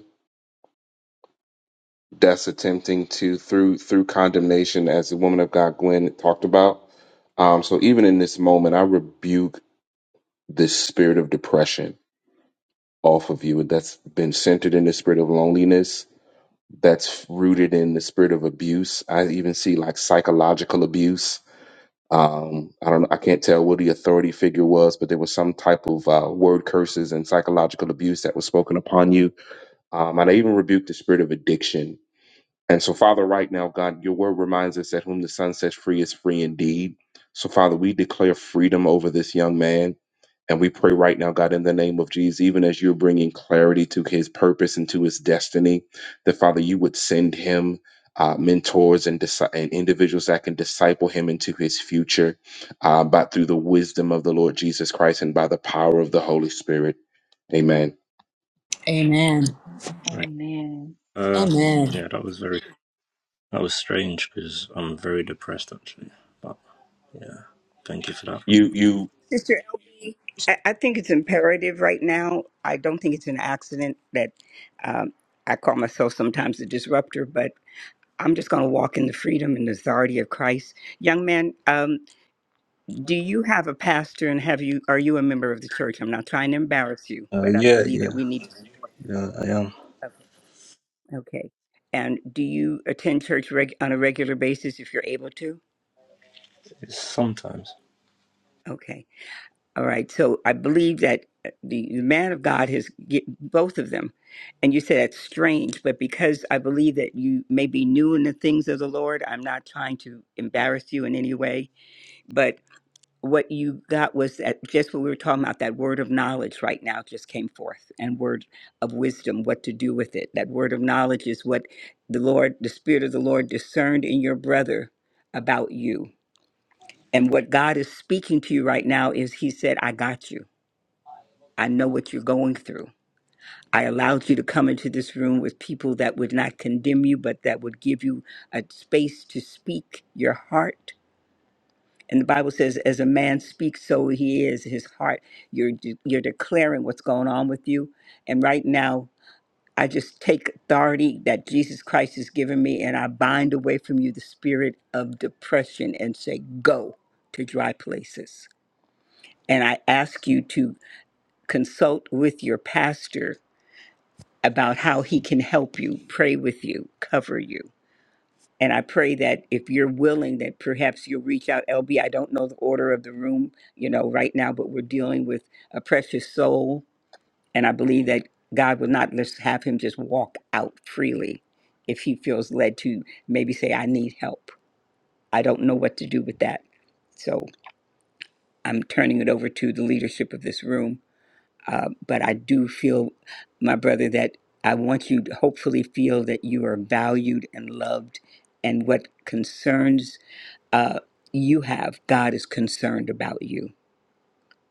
that's attempting to through through condemnation as the woman of god gwen talked about um so even in this moment i rebuke this spirit of depression off of you that's been centered in the spirit of loneliness that's rooted in the spirit of abuse i even see like psychological abuse um i don't know. i can't tell what the authority figure was but there was some type of uh, word curses and psychological abuse that was spoken upon you um and i even rebuked the spirit of addiction And so, Father, right now, God, your word reminds us that whom the Son sets free is free indeed. So, Father, we declare freedom over this young man. And we pray right now, God, in the name of Jesus, even as you're bringing clarity to his purpose and to his destiny, that, Father, you would send him. Uh, mentors and, dis- and individuals that can disciple him into his future uh, by through the wisdom of the Lord Jesus Christ and by the power of the Holy Spirit. Amen.
Amen.
Right.
Amen.
Uh,
Amen.
Amen.
yeah, that was very That was strange because I'm very depressed actually. But yeah, thank you for that.
You, you.
Sister LB, I, I think it's imperative right now. I don't think it's an accident that um, I call myself sometimes a disruptor, but I'm just going to walk in the freedom and authority of Christ. Young man, um, do you have a pastor and have you are you a member of the church? I'm not trying to embarrass you,
Uh,
but I
yeah,
believe that
yeah,
we need.
yeah, I am.
Okay. And do you attend church reg- on a regular basis if you're able to?
It's sometimes.
Okay. All right. So I believe that uh, the, the man of God has get both of them. And you say that's strange, but because I believe that you may be new in the things of the Lord, I'm not trying to embarrass you in any way. But. what you got was that just what we were talking about that word of knowledge right now just came forth and word of wisdom what to do with it that word of knowledge is what the lord the spirit of the lord discerned in your brother about you and what god is speaking to you right now is he said i got you i know what you're going through i allowed you to come into this room with people that would not condemn you but that would give you a space to speak your heart And the Bible says, as a man speaks, so he is, his heart. You're, de- you're declaring what's going on with you. And right now, I just take authority that Jesus Christ has given me and I bind away from you the spirit of depression and say, go to dry places. And I ask you to consult with your pastor about how he can help you, pray with you, cover you. And I pray that if you're willing, that perhaps you'll reach out. LB, I don't know the order of the room, you know, right now, but we're dealing with a precious soul. And I believe that God will not just have him just walk out freely if he feels led to maybe say, I need help. I don't know what to do with that. So I'm turning it over to the leadership of this room. Uh, but I do feel, my brother, that I want you to hopefully feel that you are valued and loved and what concerns uh, you have, God is concerned about you.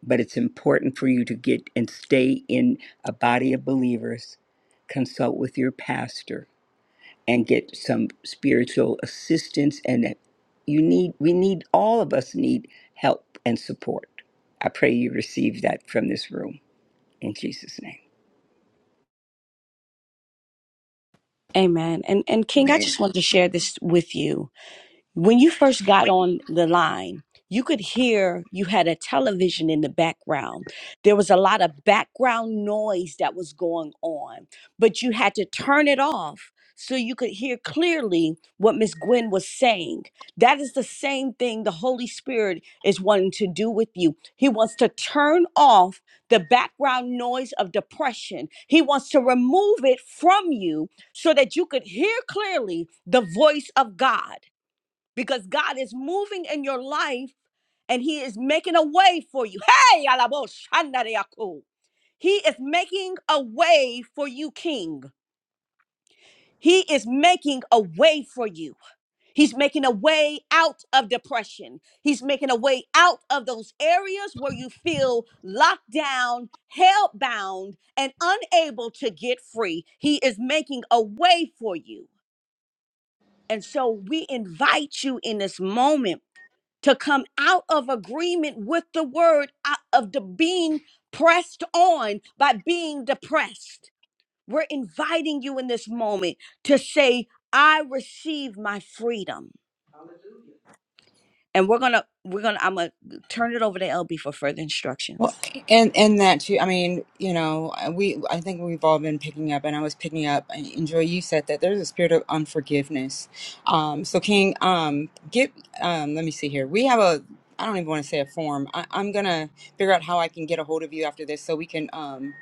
But it's important for you to get and stay in a body of believers, consult with your pastor, and get some spiritual assistance. And that you need, we need, all of us need help and support. I pray you receive that from this room in Jesus' name.
Amen. And and King, I
Man,
just wanted to share this with you when you first got on the line, you could hear you had a television in the background. There was a lot of background noise that was going on, but you had to turn it off so you could hear clearly what Miss Gwen was saying. That is the same thing the Holy Spirit is wanting to do with you. He wants to turn off the background noise of depression, He wants to remove it from you so that you could hear clearly the voice of God because God is moving in your life and He is making a way for you. Hey, alabo shandareako. He is making a way for you, King. He is making a way for you. He's making a way out of depression. He's making a way out of those areas where you feel locked down, held bound, and unable to get free. He is making a way for you. And so we invite you in this moment to come out of agreement with the word out of the being pressed on by being depressed. We're inviting you in this moment to say, I receive my freedom. And we're gonna, we're gonna, I'm gonna turn it over to LB for further
Well,
instructions.
and and that too. I mean, you know, uh, we I think we've all been picking up, and I was picking up. And Joy, you said that there's a spirit of unforgiveness. Um, so King, um, get um, let me see here. We have a I don't even want to say a form. I, I'm gonna figure out how I can get a hold of you after this, so we can um,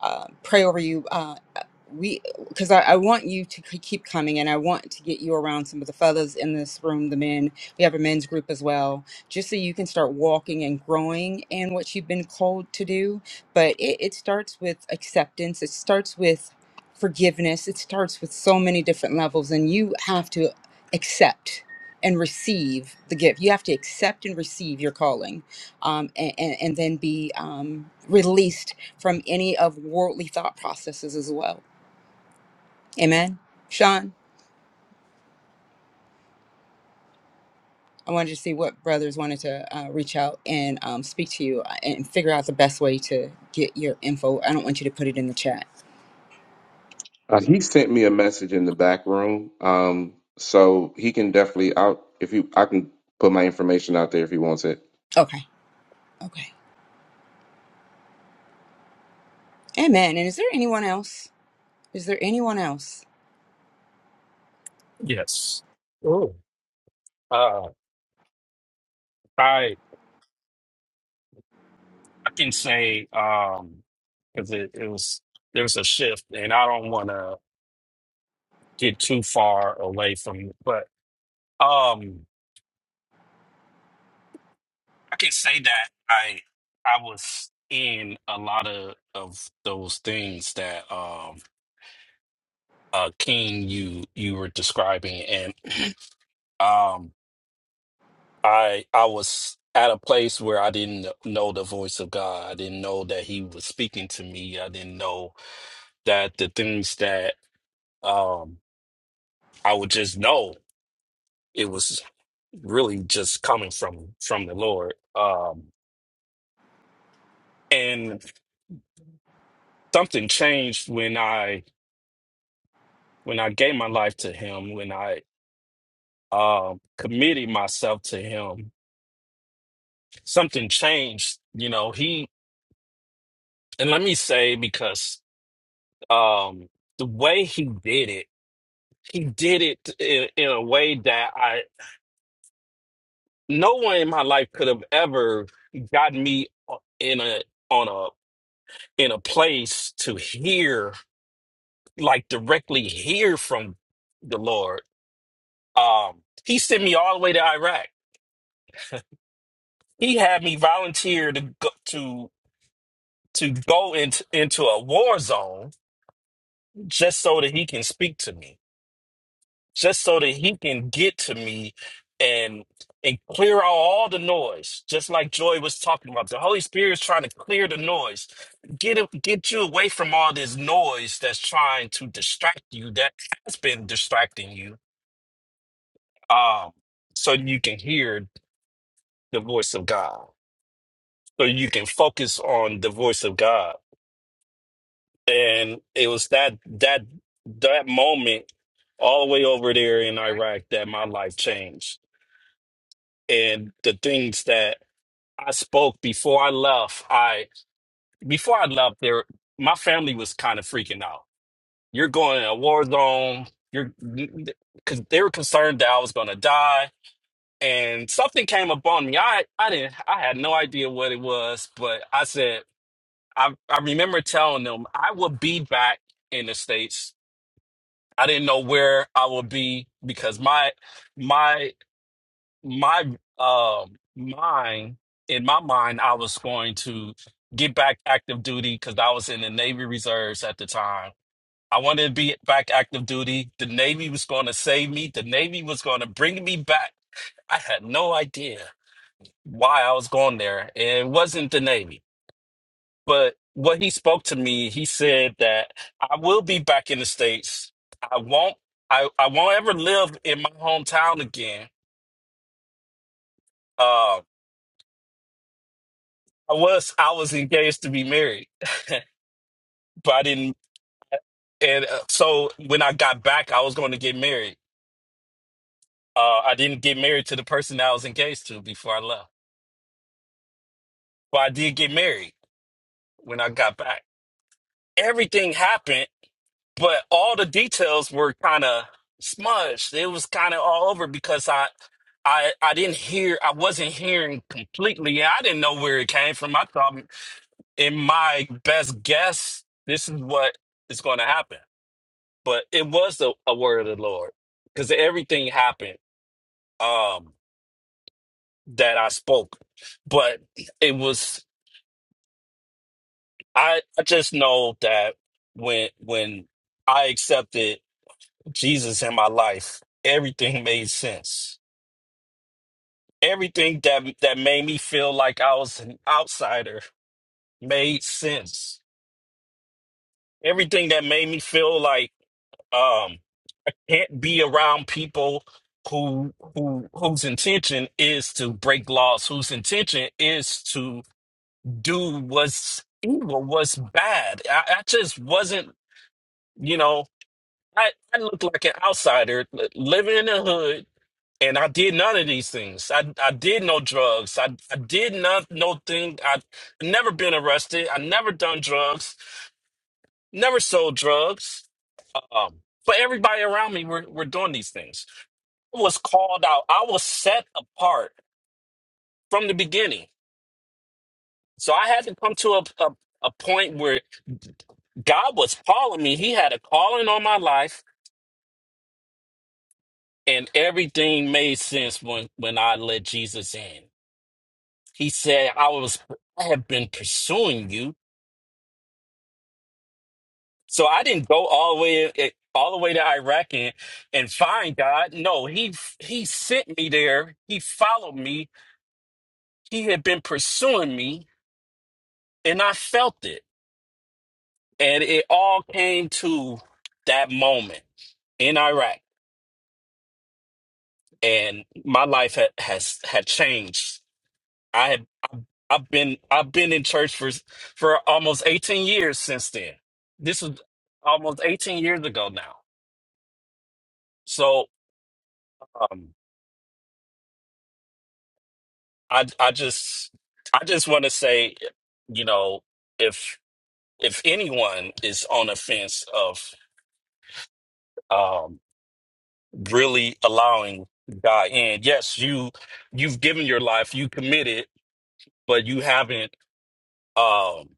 uh, pray over you. Uh, uh, we because I, I want you to k- keep coming, and I want to get you around some of the fellas in this room, the men. We have a men's group as well just so you can start walking and growing in what you've been called to do. But it, it starts with acceptance, it starts with forgiveness, it starts with so many different levels, and you have to accept and receive the gift. You have to accept and receive your calling um, and, and, and then be um, released from any of worldly thought processes as well. Amen. Sean? I wanted to see what brothers wanted to uh, reach out and um, speak to you uh, and figure out the best way to get your info. I don't want you to put it in the chat.
Uh, he sent me a message in the back room, um, so he can definitely. I'll if you, I can put my information out there if he wants it.
Okay. Okay. Amen. And is there anyone else? Is there anyone else?
Yes. Oh. Uh, I I can say um because it, it was there was a shift, and I don't want to get too far away from it, but um I can say that I I was in a lot of of those things that um uh King you you were describing, and um I I was at a place where I didn't know the voice of God. I didn't know that He was speaking to me. I didn't know that the things that um I would just know it was really just coming from from the Lord. Um and something changed when I when I gave my life to him, when I um committed myself to him. Something changed, you know, he and let me say because um the way he did it he did it in, in a way that I no one in my life could have ever gotten me uh, in a on a in a place to hear like directly hear from the Lord. Um, he sent me all the way to Iraq. He had me volunteer to go, to to go into into a war zone just so that he can speak to me just so that he can get to me and and clear out all the noise just like joy was talking about the holy spirit is trying to clear the noise get him, get you away from all this noise that's trying to distract you that has been distracting you um so you can hear the voice of god so you can focus on the voice of god and it was that that that moment all the way over there in iraq that my life changed and the things that I spoke before I left, I before I left there, my family was kind of freaking out. You're going in a war zone. You're because they were concerned that I was going to die, and something came upon me. I I didn't I had no idea what it was, but I said I I remember telling them I will be back in the states. I didn't know where I would be because my my my um mind in my mind I was going to get back active duty because I was in the Navy Reserves at the time. I wanted to be back active duty. The Navy was going to save me. The Navy was going to bring me back. I had no idea why I was going there. It wasn't the Navy. But what he spoke to me, he said that I will be back in the States. I won't I, I won't ever live in my hometown again. Um. I was I was engaged to be married, but I didn't. And uh, so when I got back, I was going to get married. Uh, I didn't get married to the person that I was engaged to before I left, but I did get married when I got back. Everything happened, but all the details were kind of smudged. It was kind of all over because I. I, I didn't hear I wasn't hearing completely and I didn't know where it came from. I thought in my best guess this is what is going to happen but it was a, a word of the Lord because everything happened um that I spoke, but it was I I just know that when when I accepted Jesus in my life, everything made sense. Everything that that made me feel like I was an outsider made sense. Everything that made me feel like um, can't be around people who who whose intention is to break laws, whose intention is to do what's evil, what's bad. I, I just wasn't, you know, I, I looked like an outsider li- living in the hood. And I did none of these things. I, I did no drugs. I, I did not no thing. I never been arrested. I never done drugs. Never sold drugs. Um, but everybody around me were, were doing these things. was called out. I was set apart from the beginning. So I had to come to a, a, a point where God was calling me. He had a calling on my life, and everything made sense when, when I let Jesus in. He said, I was I have been pursuing you. So I didn't go all the way eh, all the way to Iraq and, and find God. No, he he sent me there. He followed me. He had been pursuing me, and I felt it. And it all came to that moment in Iraq. And my life had, has had changed. I had I've been I've been in church for for almost 18 years since then. This was almost 18 years ago now. So um I I just I just want to say, you know, if if anyone is on the fence of um really allowing God in, yes, you you've given your life, you committed but you haven't um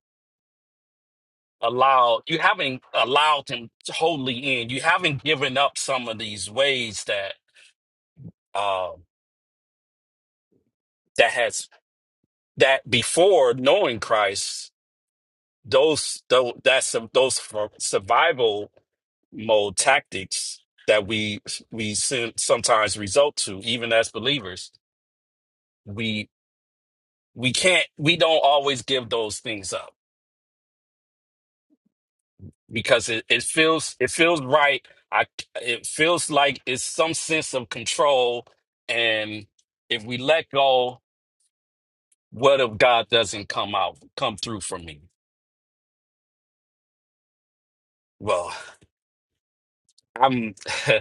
allowed you haven't allowed him totally in. You haven't given up some of these ways that um that has that before knowing Christ, those those that's those for survival mode tactics that we we sim- sometimes result to even as believers. We we can't we don't always give those things up because it, it feels it feels right. I it feels like it's some sense of control, and if we let go, what if God doesn't come out come through for me? Well, I'm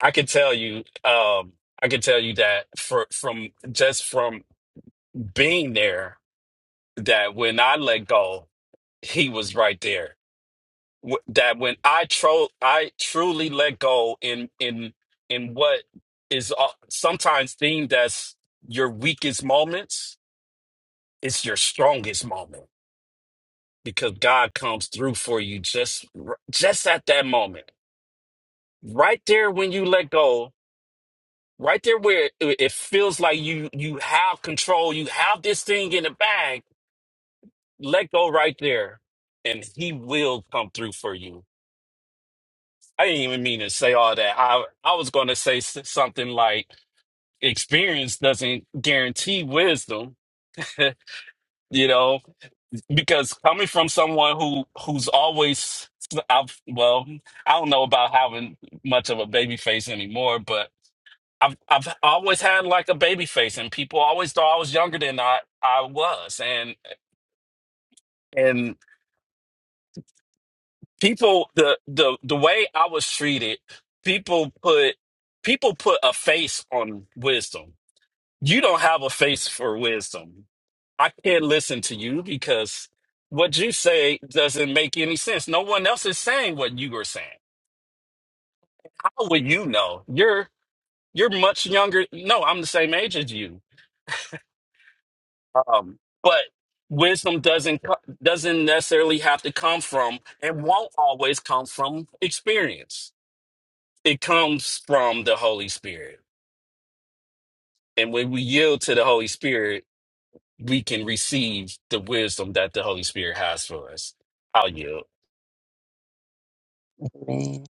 I can tell you um I can tell you that for from just from being there that when I let go, he was right there w- that when I tro I truly let go in in in what is uh, sometimes deemed as your weakest moments, it's your strongest moment because God comes through for you just r- just at that moment, right there when you let go, right there where it it feels like you you have control, you have this thing in the bag. Let go right there, and He will come through for you I didn't even mean to say all that. I I was going to say s- something like experience doesn't guarantee wisdom, you know, because coming from someone who who's always I've well, I don't know about having much of a baby face anymore, but I've I've always had like a baby face and people always thought I was younger than I I was and and people the the the way I was treated, people put people put a face on wisdom You don't have a face for wisdom. I can't listen to you because what you say doesn't make any sense. No one else is saying what you are saying. How would you know? You're you're much younger. No, I'm the same age as you. Um, but wisdom doesn't co- doesn't necessarily have to come from and won't always come from experience. It comes from the Holy Spirit. And when we yield to the Holy Spirit, we can receive the wisdom that the Holy Spirit has for us. I'll yield.
Amen.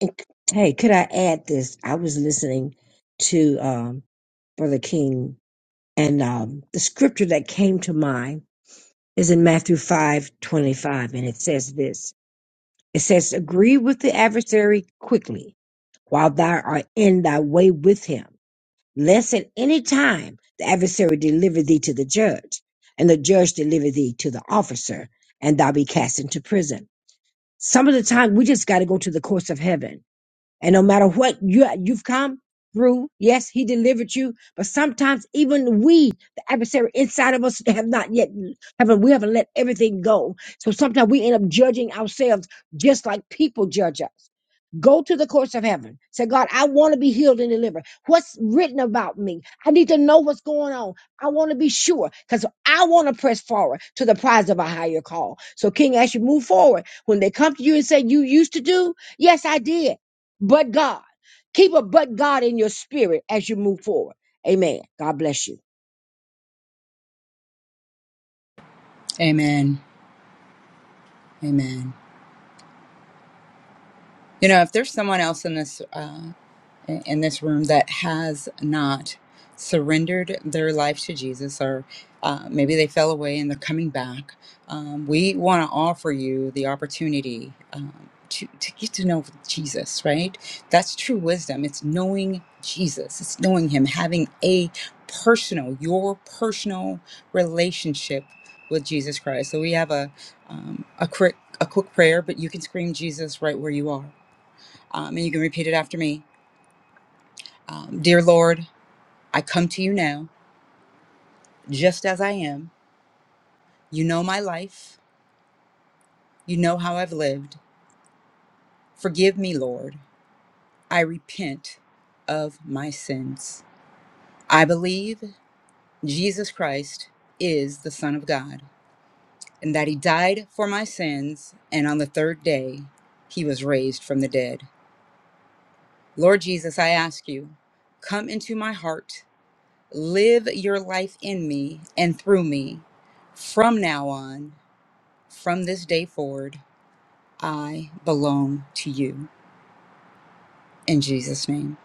And c- Hey, could I add this? I was listening to um, Brother King, and um, the scripture that came to mind is in Matthew five twenty-five, and it says this. It says, Agree with the adversary quickly while thou art in thy way with him, lest at any time the adversary deliver thee to the judge, and the judge deliver thee to the officer, and thou be cast into prison. Some of the time we just got to go to the courts of heaven and no matter what you, you've come through, yes, he delivered you. But sometimes even we, the adversary inside of us, have not yet, haven't, we haven't let everything go. So sometimes we end up judging ourselves just like people judge us. Go to the courts of heaven. Say, God, I want to be healed and delivered. What's written about me? I need to know what's going on. I want to be sure because I want to press forward to the prize of a higher call. So, King, as you move forward, when they come to you and say, You used to do, yes, I did. But God, keep a but God in your spirit as you move forward. Amen. God bless you.
Amen. Amen. You know, if there's someone else in this. uh, in this room that has not surrendered their life to Jesus, or uh, maybe they fell away and they're coming back, um, we want to offer you the opportunity um, to, to get to know Jesus, right? That's true wisdom. It's knowing Jesus, it's knowing Him, having a personal, your personal relationship with Jesus Christ. So we have a, um, a quick a quick prayer, but you can scream Jesus right where you are. Um, and you can repeat it after me. Um, Dear Lord, I come to you now, just as I am. You know my life. You know how I've lived. Forgive me, Lord. I repent of my sins. I believe Jesus Christ is the Son of God and that he died for my sins, and on the third day, he was raised from the dead. Lord Jesus, I ask you, come into my heart, live your life in me and through me from now on, from this day forward. I belong to you in Jesus' name.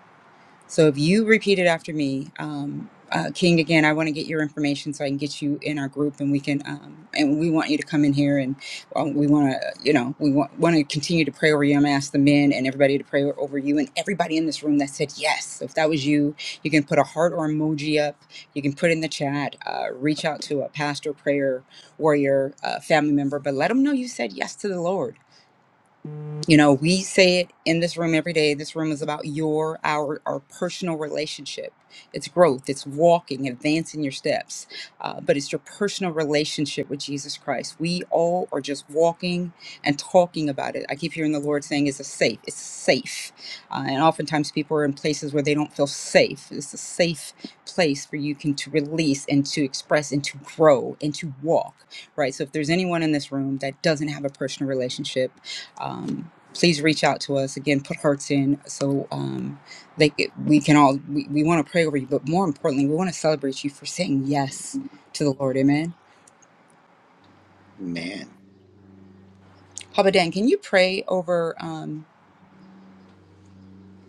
So if you repeat it after me, um, uh, King, again, I want to get your information so I can get you in our group, and we can, um, and we want you to come in here, and um, we want to, you know, we want want to continue to pray over you. I'm gonna ask the men and everybody to pray over you, and everybody in this room that said yes. So if that was you, you can put a heart or emoji up. You can put in the chat. Uh, reach out to a pastor, prayer warrior, uh, family member, but let them know you said yes to the Lord you know, we say it in this room every day. This room is about your, our, our personal relationship. It's growth, it's walking, advancing your steps, uh, but it's your personal relationship with Jesus Christ. We all are just walking and talking about it. I keep hearing the Lord saying it's a safe, it's safe. Uh, and oftentimes people are in places where they don't feel safe. It's a safe place for you can to release and to express and to grow and to walk, right? So if there's anyone in this room that doesn't have a personal relationship, um, please reach out to us again put hearts in so um, they c- we can all we, we want to pray over you but more importantly we want to celebrate you for saying yes to the lord amen
man.
papa dan can you pray over um,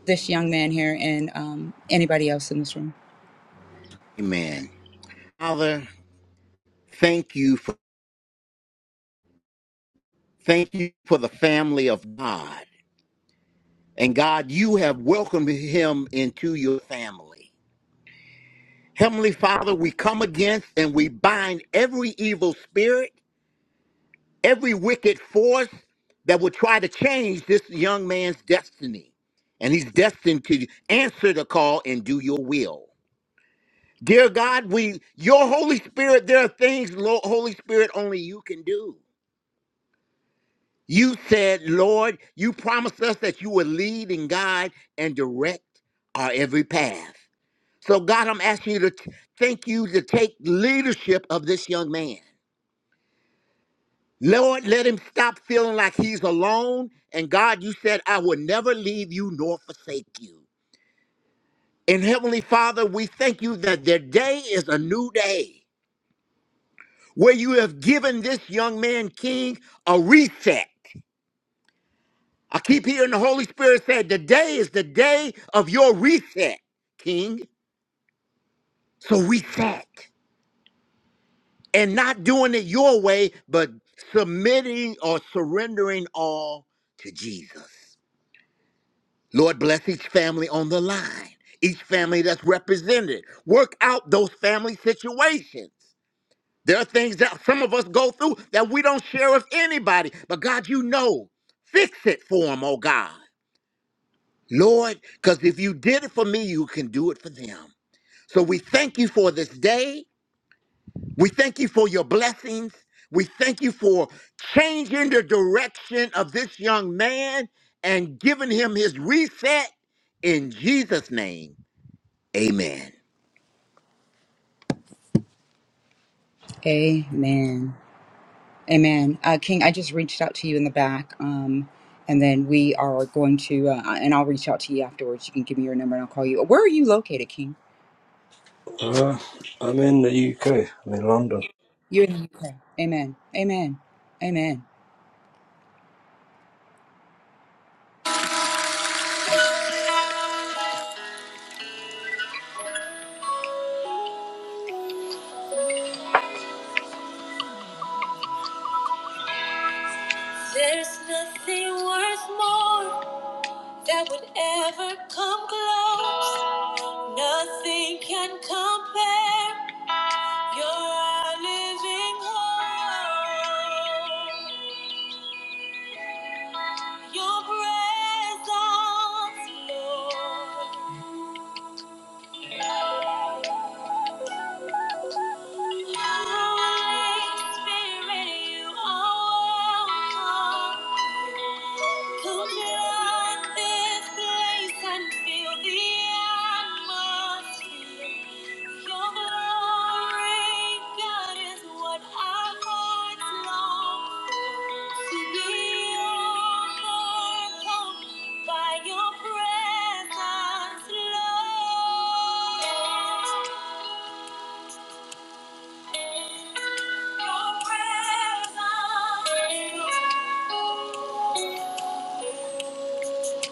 this young man here and um, anybody else in this room
Amen. Father, thank you for thank you for the family of God. And God, you have welcomed him into your family. Heavenly Father, we come against and we bind every evil spirit, every wicked force that will try to change this young man's destiny. And he's destined to answer the call and do your will. Dear God, we your Holy Spirit, there are things, Lo- Holy Spirit, only you can do. You said, Lord, you promised us that you would lead and guide and direct our every path. So God, I'm asking you to t- thank you to take leadership of this young man. Lord, let him stop feeling like he's alone. And God, you said, I will never leave you nor forsake you. And Heavenly Father, we thank you that their day is a new day where you have given this young man, King, a reset. I keep hearing the Holy Spirit say, Today is the day of your reset, King. So reset and not doing it your way, but submitting or surrendering all to Jesus. Lord, bless each family on the line, each family that's represented. Work out those family situations. There are things that some of us go through that we don't share with anybody, but God, you know, fix it for them, oh God. Lord, because if you did it for me, you can do it for them. So we thank you for this day. We thank you for your blessings. We thank you for changing the direction of this young man and giving him his reset in Jesus' name. Amen.
amen amen uh, king i just reached out to you in the back um, and then we are going to uh, and i'll reach out to you afterwards you can give me your number and i'll call you where are you located king
Uh, I'm in the UK. I'm in London.
you're in the uk amen amen amen There's nothing worth more that would ever come close. Nothing can compare. You're our living hope. Your presence, Lord. Come fill this place and feel the atmosphere. Your glory, God, is what our hearts long for. To be overcome by Your presence, Lord.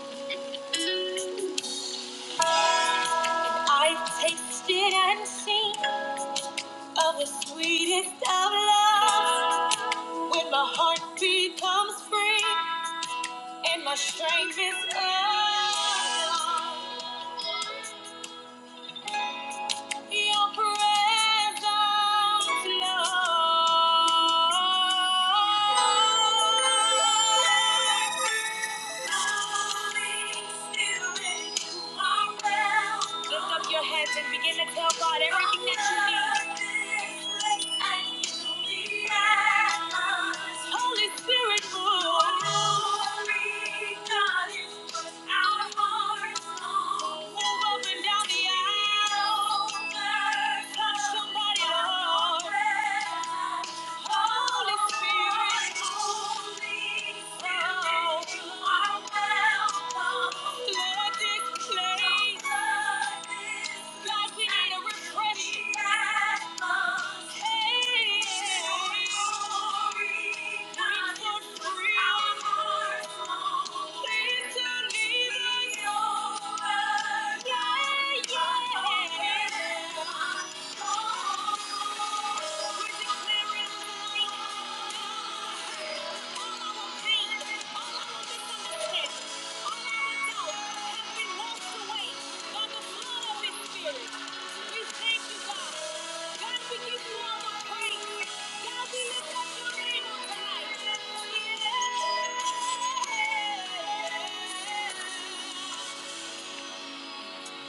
Your presence, Lord. I've tasted and seen of the sweetest of loves. When my heart becomes free and my strength is up. Your presence, Lord. Lift up your heads and begin to tell God everything that you need. Holy Spirit, move. God is what our hearts long. Move up and down the aisle. Touch somebody, Lord. Please don't leave us. Yeah, yeah. yeah. Yeah.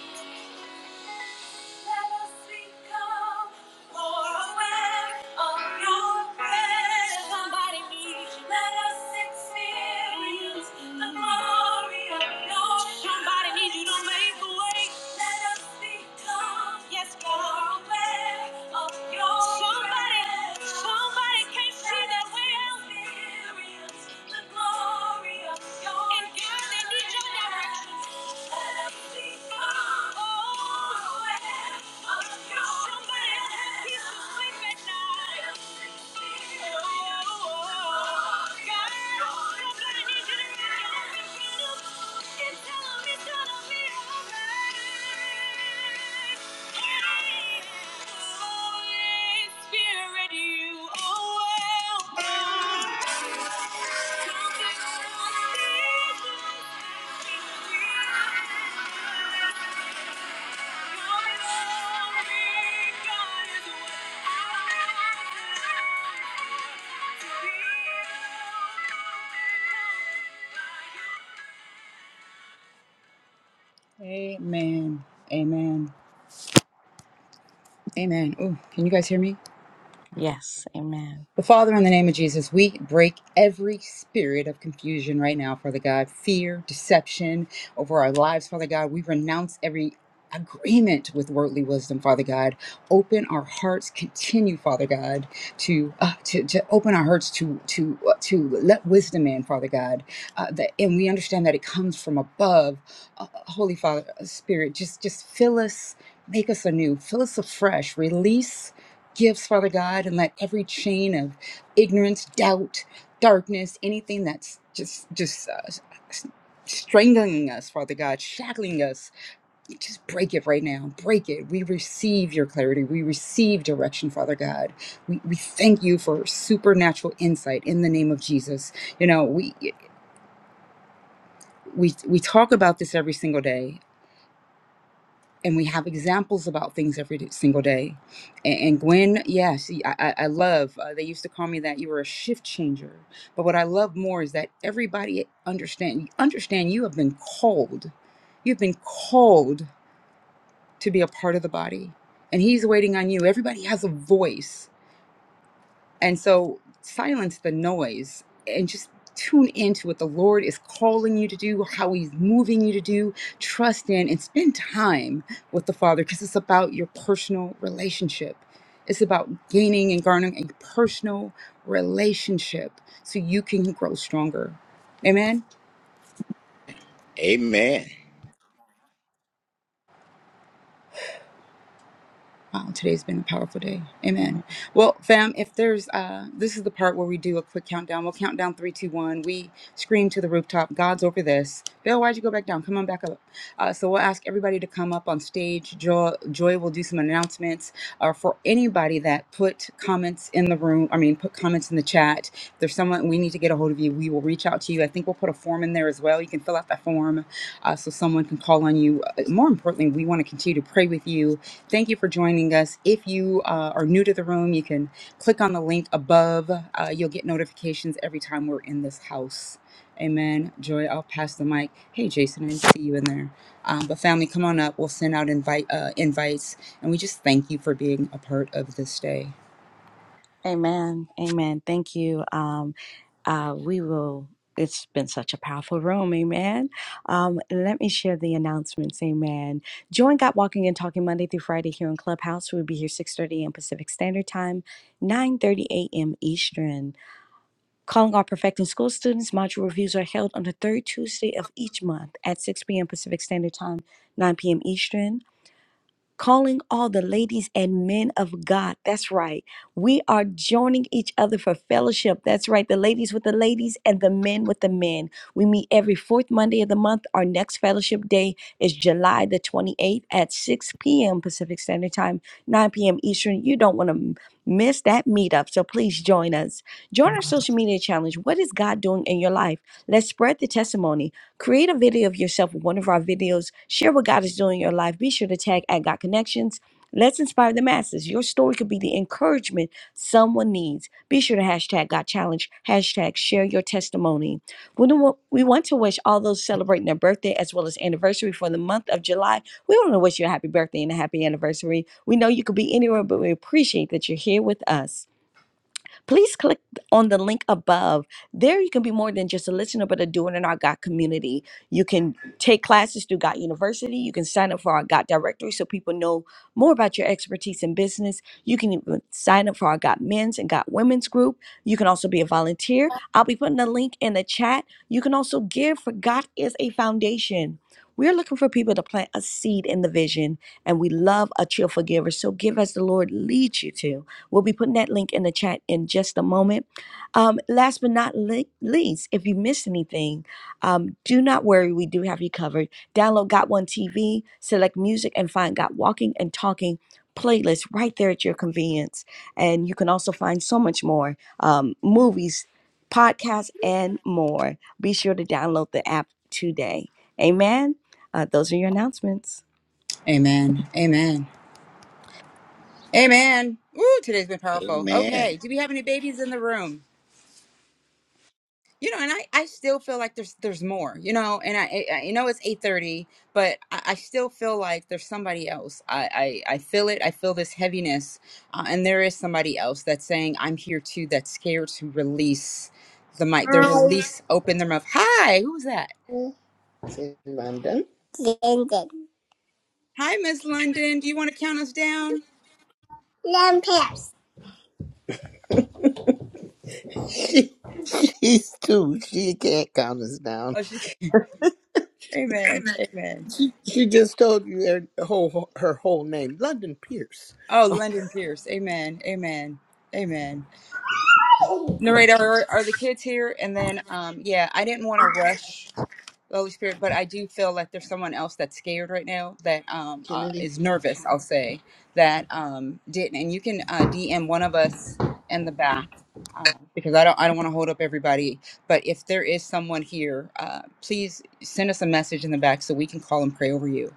Let us become more aware of your presence. Somebody needs you. Let us experience the glory of your Somebody needs you to make a way. Let us become yes, more aware of your presence. somebody can't see Let way out. Experience the glory of your And God, they need your direction. Spirit, you are welcome. Amen. Amen. Amen. Oh, can you guys hear me?
Yes, amen.
But Father, in the name of Jesus, we break every spirit of confusion right now, Father God, fear, deception over our lives, Father God. We renounce every agreement with worldly wisdom, Father God. Open our hearts, continue, Father God, to uh, to, to open our hearts to to uh, to let wisdom in, Father God. Uh, that, and we understand that it comes from above, uh, uh, Holy Father uh, Spirit. Just just fill us, make us anew, fill us afresh, release gifts, Father God, and let every chain of ignorance, doubt, darkness, anything that's just just uh, s- s- strangling us, Father God, shackling us, just break it right now. Break it. We receive your clarity. We receive direction, Father God. We we thank you for supernatural insight in the name of Jesus. You know we. We, we talk about this every single day and we have examples about things every d- single day. And, and Gwen, yeah, see, I, I I love. Uh, they used to call me that. You were a shift changer. But what I love more is that everybody understand. Understand, you have been called. You've been called to be a part of the body, and He's waiting on you. Everybody has a voice. And so silence the noise and just tune into what the Lord is calling you to do, how He's moving you to do. Trust in and spend time with the Father because it's about your personal relationship. It's about gaining and garnering a personal relationship so you can grow stronger. Amen.
Amen.
Wow, today's been a powerful day. Amen.
Amen.
Well, fam, if there's uh this is the part where we do a quick countdown. We'll count down three, two, one. We scream to the rooftop, God's over this. Bill, why'd you go back down? Come on back up. Uh, so we'll ask everybody to come up on stage. Joy, Joy will do some announcements. Uh, for anybody that put comments in the room, I mean put comments in the chat. If there's someone we need to get a hold of you, we will reach out to you. I think we'll put a form in there as well. You can fill out that form uh, so someone can call on you. Uh, More importantly, we want to continue to pray with you Thank you for joining us. If you uh, are new to the room, you can click on the link above. Uh, you'll get notifications every time we're in this house. Amen. Joy, I'll pass the mic. Hey, Jason, I didn't see you in there. Um, but family, come on up. We'll send out invite uh, invites, and we just thank you for being a part of this day.
Amen. Amen. Thank you. Um uh we will it's been such a powerful room, amen. Um, let me share the announcements, amen. Join God Walking and Talking Monday through Friday here in Clubhouse. We'll be here 6.30 a.m. Pacific Standard Time, 9.30 a.m. Eastern. Calling all Perfecting School students, module reviews are held on the third Tuesday of each month at 6 p.m. Pacific Standard Time, 9 p.m. Eastern calling all the ladies and men of God. That's right. We are joining each other for fellowship. That's right. The ladies with the ladies and the men with the men. We meet every fourth Monday of the month. Our next fellowship day is July the 28th at 6 p.m. Pacific Standard Time, 9 p.m. Eastern. You don't want to miss that meetup. So please join us. Join our social media challenge. What is God doing in your life? Let's spread the testimony. Create a video of yourself with one of our videos. Share what God is doing in your life. Be sure to tag at God Connections. Let's inspire the masses. Your story could be the encouragement someone needs. Be sure to hashtag God Challenge, hashtag share your testimony. We don't want- we want to wish all those celebrating their birthday as well as anniversary for the month of July. We want to wish you a happy birthday and a happy anniversary. We know you could be anywhere, but we appreciate that you're here with us please click on the link above. There, you can be more than just a listener, but a doer in our God community. You can take classes through God University. You can sign up for our God directory so people know more about your expertise in business. You can even sign up for our God men's and God women's group. You can also be a volunteer. I'll be putting the link in the chat. You can also give, for God is a foundation. We're looking for people to plant a seed in the vision, and we love a cheerful giver. So give as the Lord leads you to. We'll be putting that link in the chat in just a moment. Um, last but not le- least, if you missed anything, um, do not worry. We do have you covered. Download Got One TV, select music, and find Got Walking and Talking playlist right there at your convenience. And you can also find so much more um, movies, podcasts, and more. Be sure to download the app today. Amen. Uh, those are your announcements.
Amen. Amen. Amen. Ooh, today's been powerful.
Amen.
Okay, do we have any babies in the room? you know and i i still feel like there's there's more you know and i, I you know it's 8:30 but I, I still feel like there's somebody else i i, I feel it i feel this heaviness uh, and there is somebody else that's saying i'm here too that's scared to release the mic the
It's
release open their mouth hi who's that
in London. London.
hi miss london do you want to count us down
London, Paris. She, she's two. She can't count us down.
oh she amen amen
She just told you her whole her whole name, London Pierce
oh london pierce amen amen amen narrator are, are the kids here and then um yeah i didn't want to rush the Holy Spirit, but I do feel like there's someone else that's scared right now that um uh,
Kennedy.
is nervous. I'll say that um didn't, and you can uh, DM one of us in the back um, because I don't I don't want to hold up everybody. But if there is someone here, uh, please send us a message in the back so we can call and pray over you.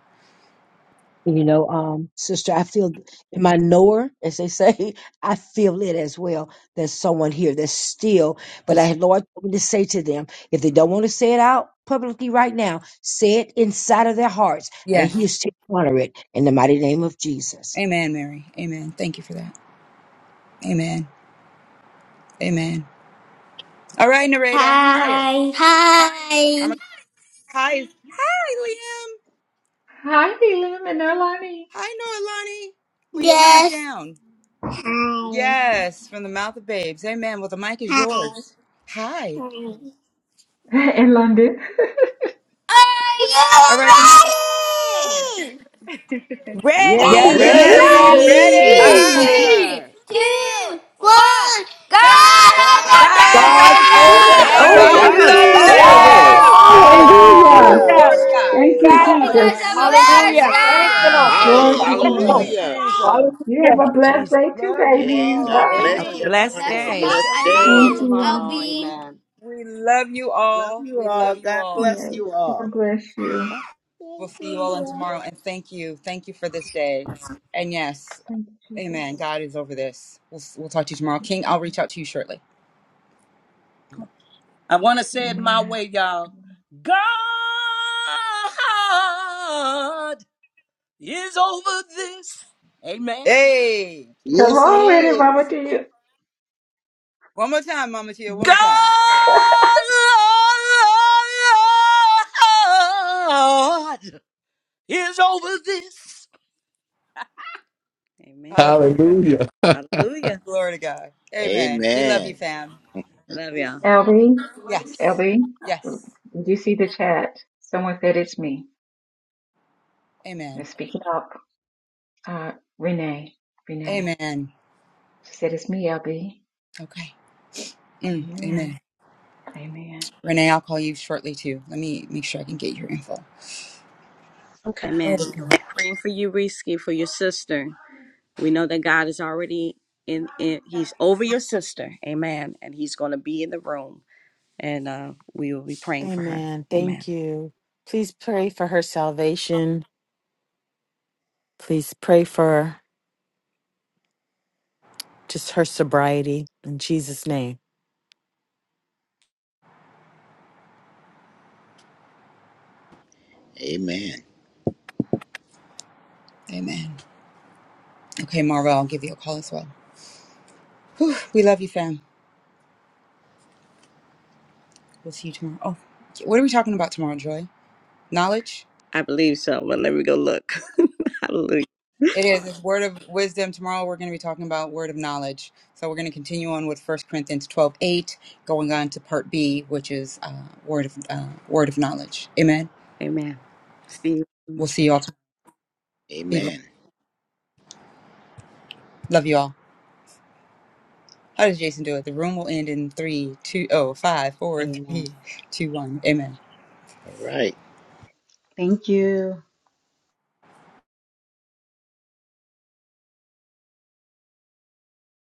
You know, um, sister, I feel in my knower, as they say, I feel it as well. There's someone here that's still, but I
Yes.
had Lord told me to say to them, if they don't want to say it out publicly right now, say it inside of their hearts, and He
Yes.
is to honor it in the mighty name of Jesus.
Amen, Mary. Amen. Thank you for that. Amen. Amen. All right, Nareda, who's here?
Hi.
I'm a-
Hi.
hi. Hi, Liam.
Hi, Dylan and Alani.
Hi, Noelani. Will you count us
Yes.
down?
Hi,
Yes, from the mouth of babes. Amen. Well, the mic is
hi,
yours. Hi.
hi.
Are you
All right. The,
ready?
Yes,
Yes,
you're
we're
Yes,
Ready?
Ready?
Ready?
ready.
ready.
ready.
Riley!
Three,
sir.
two, one. Go
God
Rotterdam!
God's
God's
is
over
over
That's
God's
over
this.
God
over
is
over
this.
God
over
is
God's
over
this.
Woo!
over
this.
this.
this.
Yes.
this.
this.
Hallelujah.
Thank
Yeah.
Hallelujah.
you,
Hallelujah.
Yoo-hoo.
Glory
Jesus.
to God.
You
Thank
Praise
I
you,
Woo!
hope
got
you
us.
guys
God.
have a
Jesus.
blessed
Hallelujah. Thank you,
Hallelujah.
Yeah.
Lord.
Praise
Hi,
Glory
the
to
day.
Thank
God.
you,
Lord.
hallelujah.
Jesus.
You have a
Thank you,
blessed
Jesus.
day too,
Love you
Hey,
babies. Love
God
Have
all. Have
a
bless
a
you.
you,
Amen.
God
blessed
everyone.
blessed
Have
bless
a
day.
day.
you.
blessed
I
See you
love
all
Thank
day.
you,
you,
tomorrow.
LB.
Amen.
We love you
Love
all.
you
We
all.
love you
God
all.
bless
Lord. Yes.
you
God
all.
bless you.
We'll see you all on tomorrow. And thank you. Thank you for this day. And yes,
Thank you,
amen.
Jesus.
God is over this. We'll, we'll talk to you tomorrow. King, I'll reach out to you shortly.
I want to say it my
Amen.
way, y'all. God is over this. Amen.
Hey.
Yes,
Hello,
He
Eddie. Mama
is.
to you.
One more time, Mama Tia. One more time.
God is over this. Amen.
Hallelujah.
Hallelujah.
Hallelujah.
Glory to God. Amen. We love you,
Amen.
fam.
Love y'all.
LB,
Yes.
LB,
Yes.
did you see the chat? Someone said it's me.
Amen.
Let's speak it up. Uh, Renee, Renee.
Amen.
She said it's me, LB.
Okay. Mm,
Amen.
amen.
Amen.
Renee, I'll call you shortly too. Let me make sure I can get your info.
Okay.
Amen. And we're praying for you, Risky, for your sister. We know that God is already in, in He's over your sister. Amen. And He's going to be in the room and uh, praying for her.
Amen.
Amen.
Thank you. Please pray for her salvation. Please pray for just her sobriety in Jesus' name.
Amen.
Amen. Okay, Marva, I'll give you a call as well. Whew, we love you, fam. We'll see you tomorrow. Oh, yeah, what are we talking about tomorrow, Joy? Knowledge?
I believe so. But let me go look. Hallelujah.
It is. It's word of wisdom. Tomorrow we're going to be talking about word of knowledge. So we're going to continue on with First Corinthians 12 8, going on to part B, which is uh, word of uh, word of knowledge. Amen.
Amen. Steve.
We'll see you all tomorrow. Be blessed.
Amen.
Love you all. How does Jason do it? The room will end in three, two, oh, five, four, three,
Amen.
two, one. Amen.
All right.
Thank you.